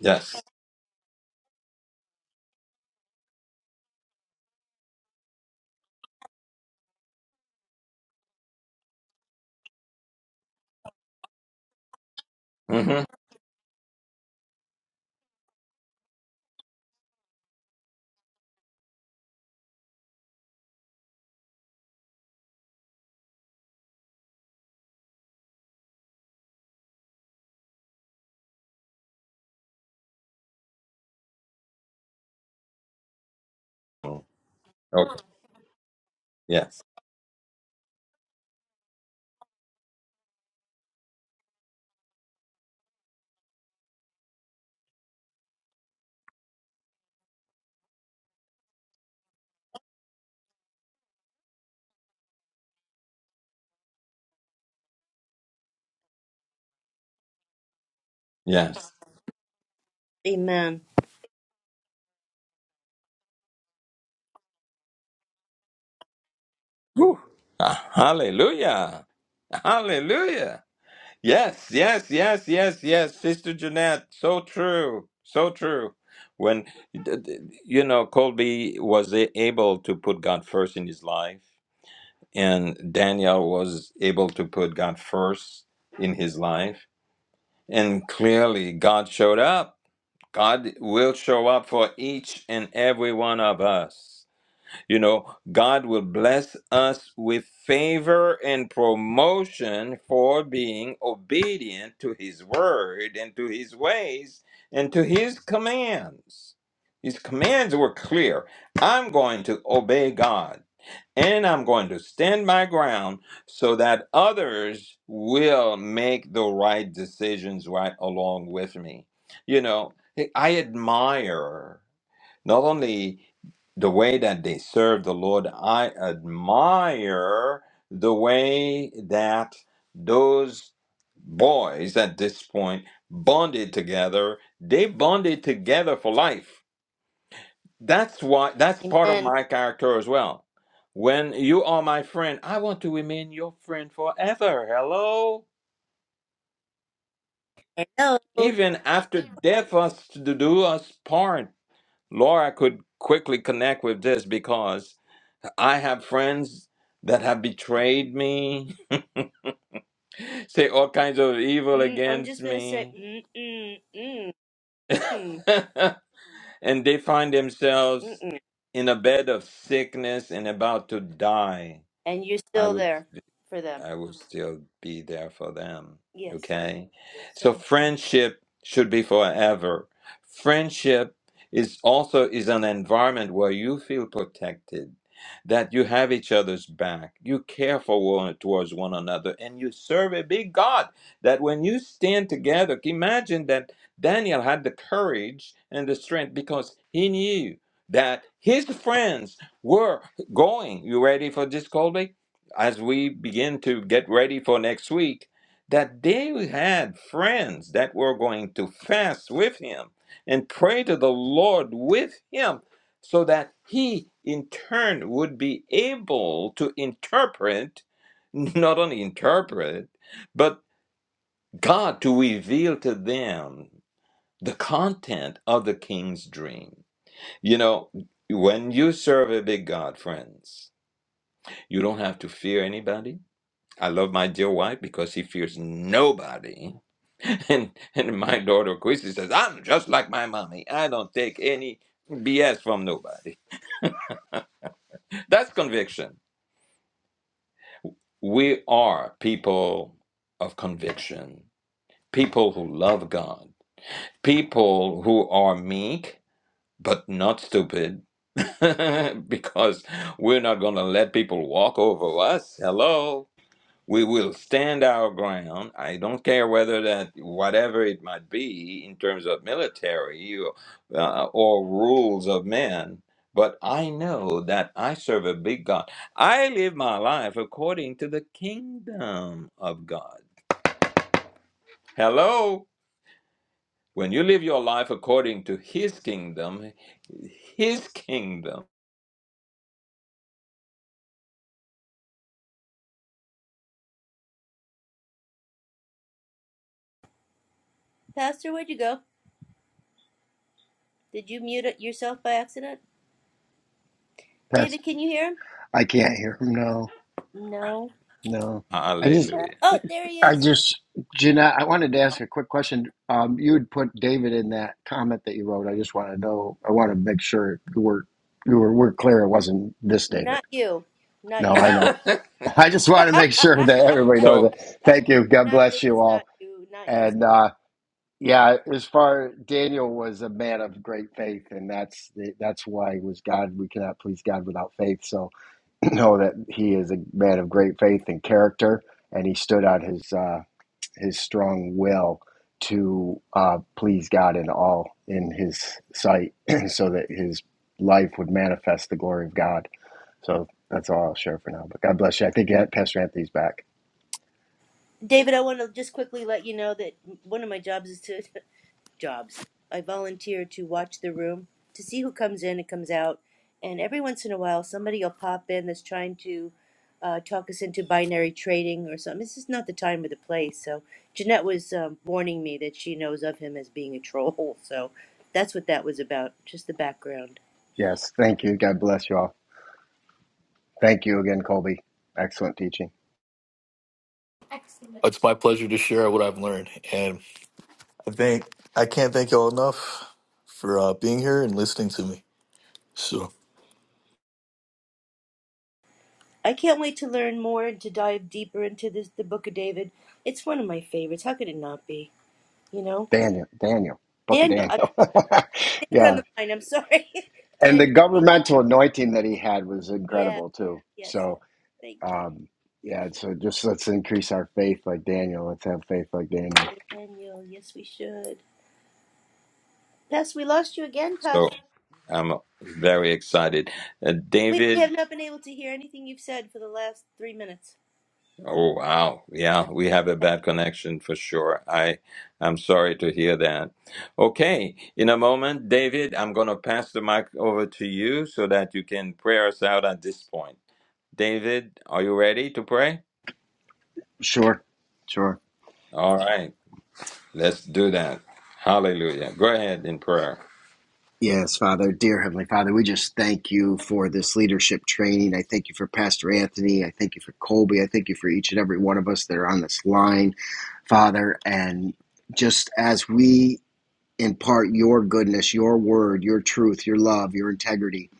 B: Yes. hmm Okay. Yes. Yes.
A: Amen.
B: Whew. Ah, hallelujah. Hallelujah. Yes, yes, yes, yes, yes. Sister Jeanette, so true. So true. When, d- d- you know, Colby was a- able to put God first in his life, and Daniel was able to put God first in his life. And clearly, God showed up. God will show up for each and every one of us. You know, God will bless us with favor and promotion for being obedient to His word and to His ways and to His commands. His commands were clear. I'm going to obey God and I'm going to stand my ground so that others will make the right decisions right along with me. You know, I admire not only the way that they serve the Lord. I admire the way that those boys at this point bonded together. They bonded together for life. That's why that's part of
A: Amen.
B: my character as well. When you are my friend, I want to remain your friend forever. Hello?
A: Hello.
B: Even after death us to do us part. Laura could quickly connect with this because I have friends that have betrayed me, [laughs] say all kinds of evil
A: Mm, I'm
B: against
A: just gonna say
B: me,
A: mm mm mm mm
B: [laughs] and they find
A: mm,
B: themselves
A: mm.
B: in a bed of sickness and about to die.
A: and you're
B: I
A: still
B: would
A: there for them.
B: I will still be there for them.
A: Yes, sir.
B: Okay?
A: Yes,
B: So
A: sir.
B: friendship should be forever. Friendship is also is an environment where you feel protected, that you have each other's back, you care for one towards one another, and you serve a big God. That when you stand together, imagine that Daniel had the courage and the strength because he knew that his friends were going. You ready for this, Colby? as we begin to get ready for next week, that they had friends that were going to fast with him and pray to the Lord with him so that he in turn would be able to interpret, not only interpret, but God to reveal to them the content of the king's dream. You know, when you serve a big God, friends, you don't have to fear anybody. I love my dear wife because she fears nobody. [laughs] And and my daughter Christy says, I'm just like my mommy. I don't take any BS from nobody. That's conviction. We are people of conviction, people who love God, people who are meek but not stupid. [laughs] because we're not going to let people walk over us. Hello we will stand our ground. I don't care whether that, whatever it might be in terms of military or, uh, or rules of men, but I know that I serve a big God. I live my life according to the kingdom of God. Hello? When you live your life according to His kingdom, His kingdom,
A: Pastor, where'd you go? Did you mute it yourself by accident?
E: That's
A: David, can you hear him?
E: I can't hear him. No,
A: No.
E: no. I just,
B: hallelujah.
A: Oh, there he
E: I
A: is.
E: just, Jeanette. I wanted to ask a quick question. Um, you had put David in that comment that you wrote. I just want to know. I want to make sure you were, you were, we're clear. It wasn't this David.
A: Not you. Not
E: No,
A: you. sir.
E: I know.
B: [laughs]
E: [laughs] I just want
A: [laughs]
E: to make sure that everybody
B: So,
E: knows it. Thank you. God
A: not
E: bless
A: it
E: you
A: was not
E: all.
A: you. Not you.
E: And uh, yeah, as far Daniel was a man of great faith, and that's the, that's why he was God. We cannot please God without faith. So [clears throat] know that he is a man of great faith and character, and he stood on his uh, his strong will to uh, please God in all in his sight, [clears throat] so that his life would manifest the glory of God so that's all I'll share for now. But God bless you. I think yeah, Pastor Anthony's back.
A: David, I want to just quickly let you know that one of my jobs is to [laughs] jobs. I volunteer to watch the room to see who comes in and comes out, and every once in a while, somebody will pop in that's trying to uh, talk us into binary trading or something. This is not the time or the place. So Jeanette was um, warning me that she knows of him as being a troll. [laughs] So that's what that was about. Just the background.
E: Yes, thank you. God bless you all. Thank you again, Colby. Excellent teaching.
D: [laughs] it's my pleasure to share what I've learned. And I think I can't thank y'all enough for uh, being here and listening to me. So.
A: I can't wait to learn more and to dive deeper into this the Book of David. It's one of my favorites. How could it not be? You know.
E: Daniel, Daniel, Book of
A: Daniel,
E: Daniel. [laughs]
A: it on
E: yeah.
A: the mind. I'm sorry. [laughs]
E: And the
A: Daniel, thank you.
E: governmental anointing that he had was
A: Yeah,
E: incredible too.
A: yes,
E: So,
A: yes. Thank you.
E: um, yeah, so just let's increase our faith like Daniel. Let's have faith like Daniel.
A: Daniel, yes, we should. Pastor, we lost you again,
B: so
A: Pastor.
B: I'm very excited. Uh,
A: We,
B: David,
A: we have not been able to hear anything you've said for the last three minutes.
B: Oh wow. Yeah, we have a bad connection for sure. I I'm sorry to hear that. Okay, in a moment, David, I'm going to pass the mic over to you so that you can pray us out at this point. David, are you ready to pray?
E: Sure, sure.
B: All right. Let's do that. Hallelujah. Go ahead in prayer.
E: Yes, Father, dear Heavenly Father, we just thank you for this leadership training. I thank you for Pastor Anthony. I thank you for Colby. I thank you for each and every one of us that are on this line, Father. And just as we impart your goodness, your word, your truth, your love, your integrity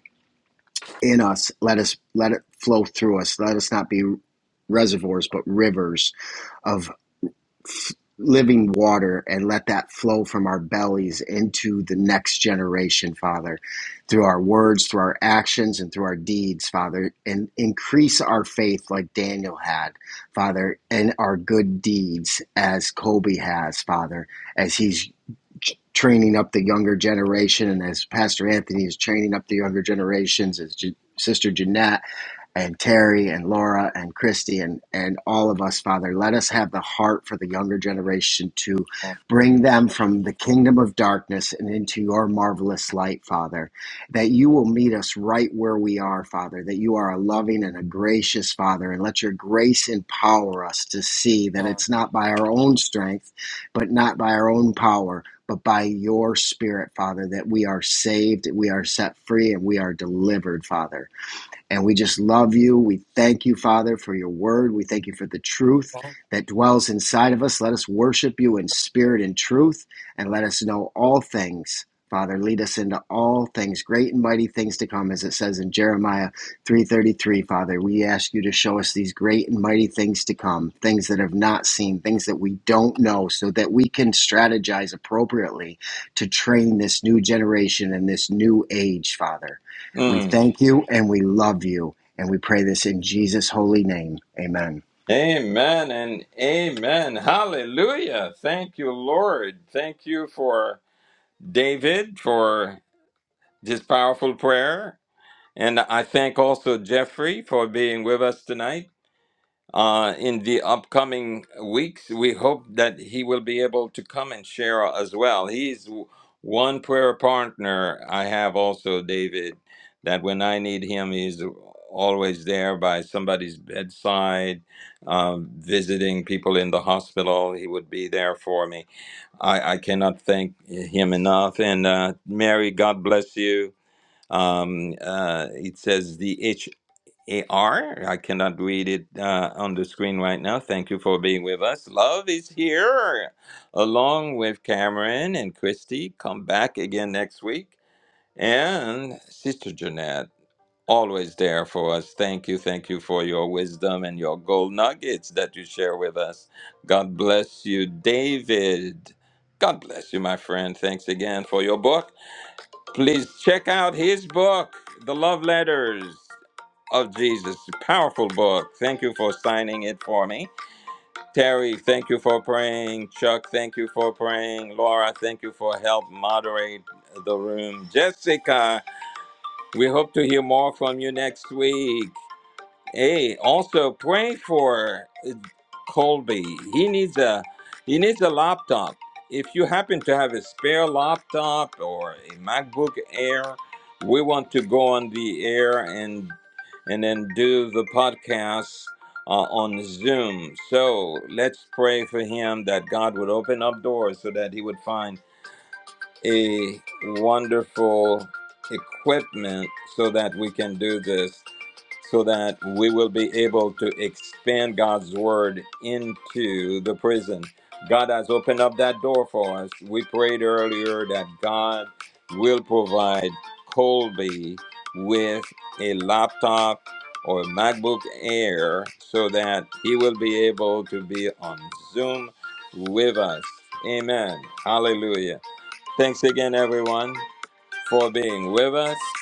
E: in us, let us let it flow through us. Let us not be reservoirs, but rivers of living water and let that flow from our bellies into the next generation, Father, through our words, through our actions, and through our deeds, Father, and increase our faith like Daniel had, Father, and our good deeds as Kobe has, Father, as he's training up the younger generation and as Pastor Anthony is training up the younger generations, as Sister Jeanette and Terry and Laura and Christy and, and all of us, Father. Let us have the heart for the younger generation to bring them from the kingdom of darkness and into your marvelous light, Father. That you will meet us right where we are, Father. That you are a loving and a gracious Father. And let your grace empower us to see that it's not by our own strength, but not by our own power. But by your spirit, Father, that we are saved, we are set free, and we are delivered, Father. And we just love you. We thank you, Father, for your word. We thank you for the truth that dwells inside of us. Let us worship you in spirit and truth, and let us know all things. Father, lead us into all things, great and mighty things to come, as it says in Jeremiah 3:33. Father, we ask you to show us these great and mighty things to come, things that have not seen, things that we don't know, so that we can strategize appropriately to train this new generation and this new age, Father. We
B: Mm.
E: thank you and we love you. And we pray this in Jesus' holy name. Amen.
B: Amen and amen. Hallelujah. Thank you, Lord. Thank you for David for this powerful prayer. And I thank also Jeffrey for being with us tonight. Uh, in the upcoming weeks, we hope that he will be able to come and share as well. He's w- one prayer partner I have also, David, that when I need him, he's always there by somebody's bedside, um, visiting people in the hospital. He would be there for me. I, I cannot thank him enough. And uh, Mary, God bless you um, uh, it says the H A R. I cannot read it uh, on the screen right now. Thank you for being with us. Love is here, along with Cameron and Christy. Come back again next week. And Sister Jeanette, always there for us. Thank you. Thank you for your wisdom and your gold nuggets that you share with us. God bless you, David. God bless you, my friend. Thanks again for your book. Please check out his book, The Love Letters of Jesus. Powerful book. Thank you for signing it for me. Terry, thank you for praying. Chuck, thank you for praying. Laura, thank you for help moderate the room. Jessica, we hope to hear more from you next week. Hey, also pray for uh, Colby. He needs a he needs a laptop. If you happen to have a spare laptop or a MacBook Air, we want to go on the air and and then do the podcast uh, on Zoom. So let's pray for him that God would open up doors so that he would find a wonderful equipment so that we can do this so that we will be able to expand God's word into the prison. God has opened up that door for us. We prayed earlier that God will provide Colby with a laptop or a MacBook Air so that he will be able to be on Zoom with us. Amen. Hallelujah. Thanks again, everyone, for being with us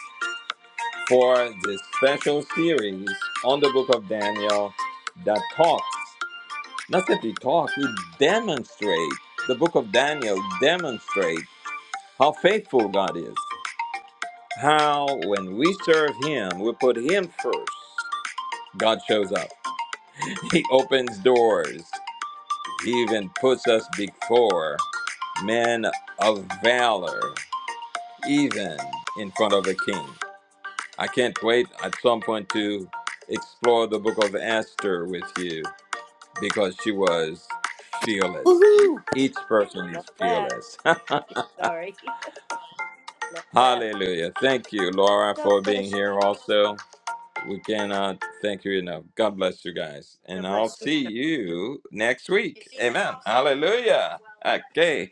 B: for this special series on the book of Daniel that talks, not simply talks, it demonstrates, the book of Daniel demonstrates how faithful God is, how when we serve Him, we put Him first, God shows up. [laughs] He opens doors, He even puts us before men of valor, even in front of a king. I can't wait at some point to explore the book of Esther with you because she was fearless.
A: Woohoo!
B: Each
A: I
B: person is
A: love that.
B: fearless.
A: Sorry. [laughs] love
B: [laughs]
A: that.
B: Hallelujah. Thank you, Laura,
A: God
B: for
A: bless
B: being here also. We cannot thank you enough. God bless you guys.
A: you.
B: And
A: God
B: I'll
A: bless you.
B: see you next week. Amen. Hallelujah. Okay.